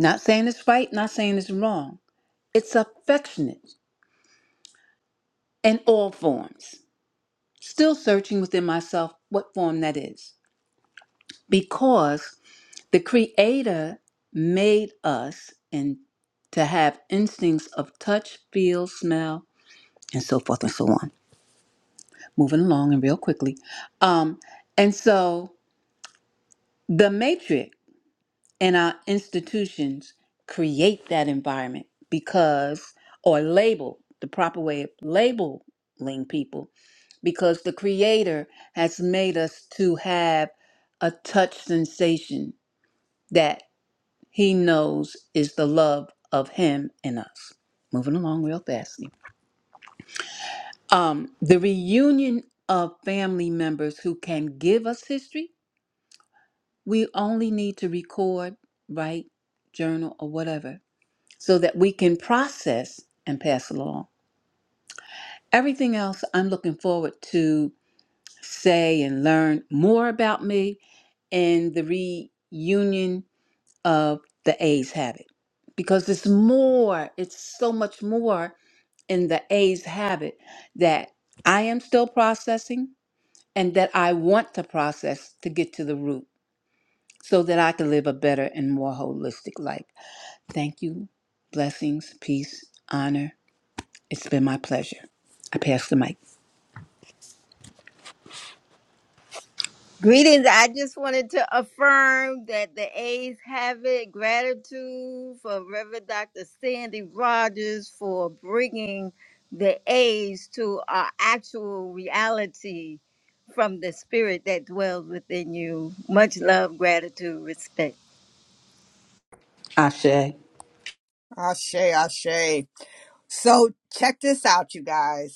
Speaker 4: Not saying it's right, not saying it's wrong. It's affectionate in all forms. still searching within myself what form that is. Because the Creator made us and to have instincts of touch, feel, smell, and so forth and so on. Moving along and real quickly. Um, and so the matrix and our institutions create that environment because or label the proper way of labeling people because the creator has made us to have a touch sensation that he knows is the love of him in us moving along real fast um the reunion of family members who can give us history we only need to record write journal or whatever so that we can process and pass along. Everything else, I'm looking forward to say and learn more about me and the reunion of the A's habit because it's more, it's so much more in the A's habit that I am still processing and that I want to process to get to the root so that I can live a better and more holistic life. Thank you. Blessings, peace, honor. It's been my pleasure. I pass the mic.
Speaker 1: Greetings. I just wanted to affirm that the A's have it. gratitude for Reverend Dr. Sandy Rogers for bringing the A's to our actual reality from the spirit that dwells within you. Much love, gratitude, respect.
Speaker 4: Ashe.
Speaker 2: Ashe, Ashe. So check this out, you guys.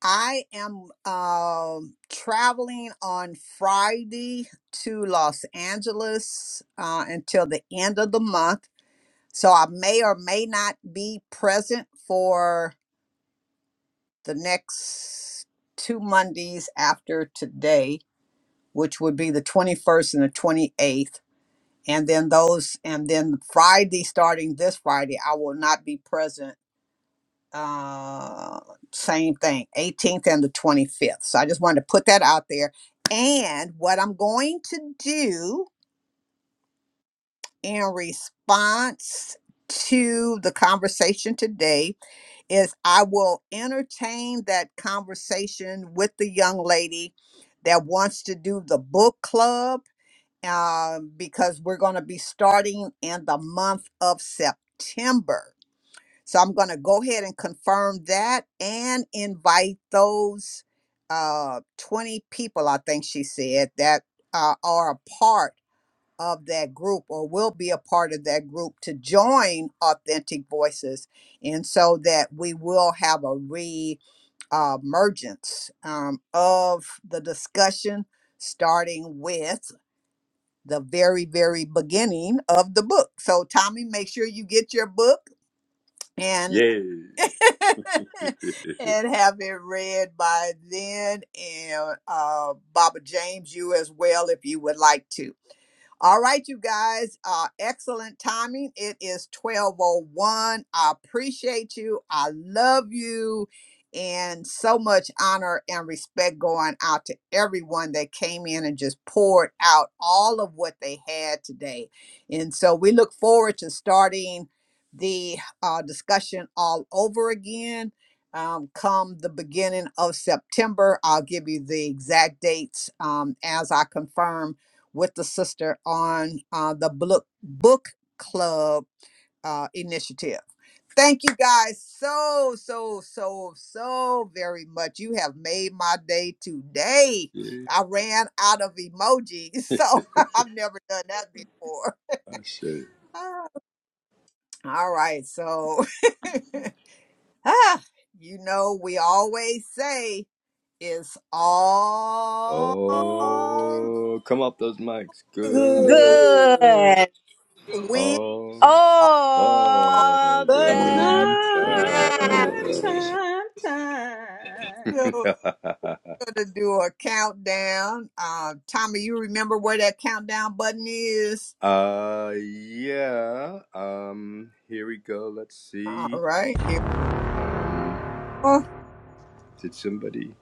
Speaker 2: I am um, traveling on Friday to Los Angeles uh, until the end of the month. So I may or may not be present for the next two Mondays after today, which would be the 21st and the 28th. And then those, and then Friday, starting this Friday, I will not be present uh, same thing, 18th and the 25th. So I just wanted to put that out there. And what I'm going to do in response to the conversation today is I will entertain that conversation with the young lady that wants to do the book club uh, because we're going to be starting in the month of September. So I'm going to go ahead and confirm that and invite those uh, 20 people, I think she said, that uh, are a part of that group or will be a part of that group to join Authentic Voices. And so that we will have a re uh, emergence um, of the discussion, starting with the very, very beginning of the book. So, Tommy, make sure you get your book. and.
Speaker 5: yeah.
Speaker 2: and have it read by then and uh, Baba James, you as well, if you would like to. All right, you guys. Uh, excellent timing. It is 1201. I appreciate you. I love you. And so much honor and respect going out to everyone that came in and just poured out all of what they had today. And so we look forward to starting the uh, discussion all over again um, come the beginning of September. I'll give you the exact dates um, as I confirm with the sister on uh, the book book club uh, initiative. Thank you guys so so so so very much. You have made my day today.
Speaker 5: yeah,
Speaker 2: I ran out of emojis, so I've never done that before.
Speaker 5: I said.
Speaker 2: Ah, All right, so ah, you know we always say it's all
Speaker 4: Oh,
Speaker 5: Oh, come off those mics.
Speaker 2: good
Speaker 5: Good.
Speaker 4: good.
Speaker 1: Good.
Speaker 2: when
Speaker 5: Oh, all
Speaker 1: all
Speaker 4: But time,
Speaker 5: the
Speaker 1: the time.
Speaker 5: time.
Speaker 4: time, time.
Speaker 2: all to do a countdown. Uh, Tommy, you remember where that countdown button is?
Speaker 5: uh, yeah. Um, here we go. Let's
Speaker 2: All
Speaker 5: see.
Speaker 2: right, here
Speaker 5: Um,
Speaker 2: we go.
Speaker 5: did somebody?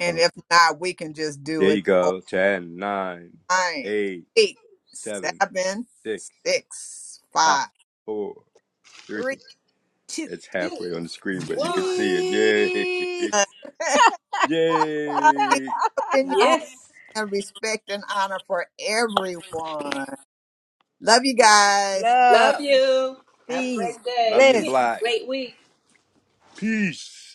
Speaker 2: And
Speaker 5: Oh,
Speaker 2: if not, we can just do
Speaker 5: there
Speaker 2: it.
Speaker 5: you go. Ten, nine,
Speaker 2: Nine,
Speaker 5: eight,
Speaker 2: eight,
Speaker 5: seven,
Speaker 2: seven,
Speaker 5: six,
Speaker 2: six,
Speaker 5: five,
Speaker 2: five,
Speaker 5: four, three.
Speaker 2: three, two.
Speaker 5: It's
Speaker 4: Two,
Speaker 5: halfway on the screen, but you can
Speaker 4: one.
Speaker 5: see it.
Speaker 1: Peace,
Speaker 5: Yay!
Speaker 2: one. I keep
Speaker 5: Yay!
Speaker 2: in your heart
Speaker 4: Yes.
Speaker 2: and respect and honor for everyone. Love you guys.
Speaker 4: Love
Speaker 1: love,
Speaker 4: you. Have a
Speaker 1: peace,
Speaker 4: great
Speaker 5: Love
Speaker 4: day.
Speaker 5: you,
Speaker 4: Great,
Speaker 1: bliss.
Speaker 5: Black.
Speaker 4: great week.
Speaker 5: Peace.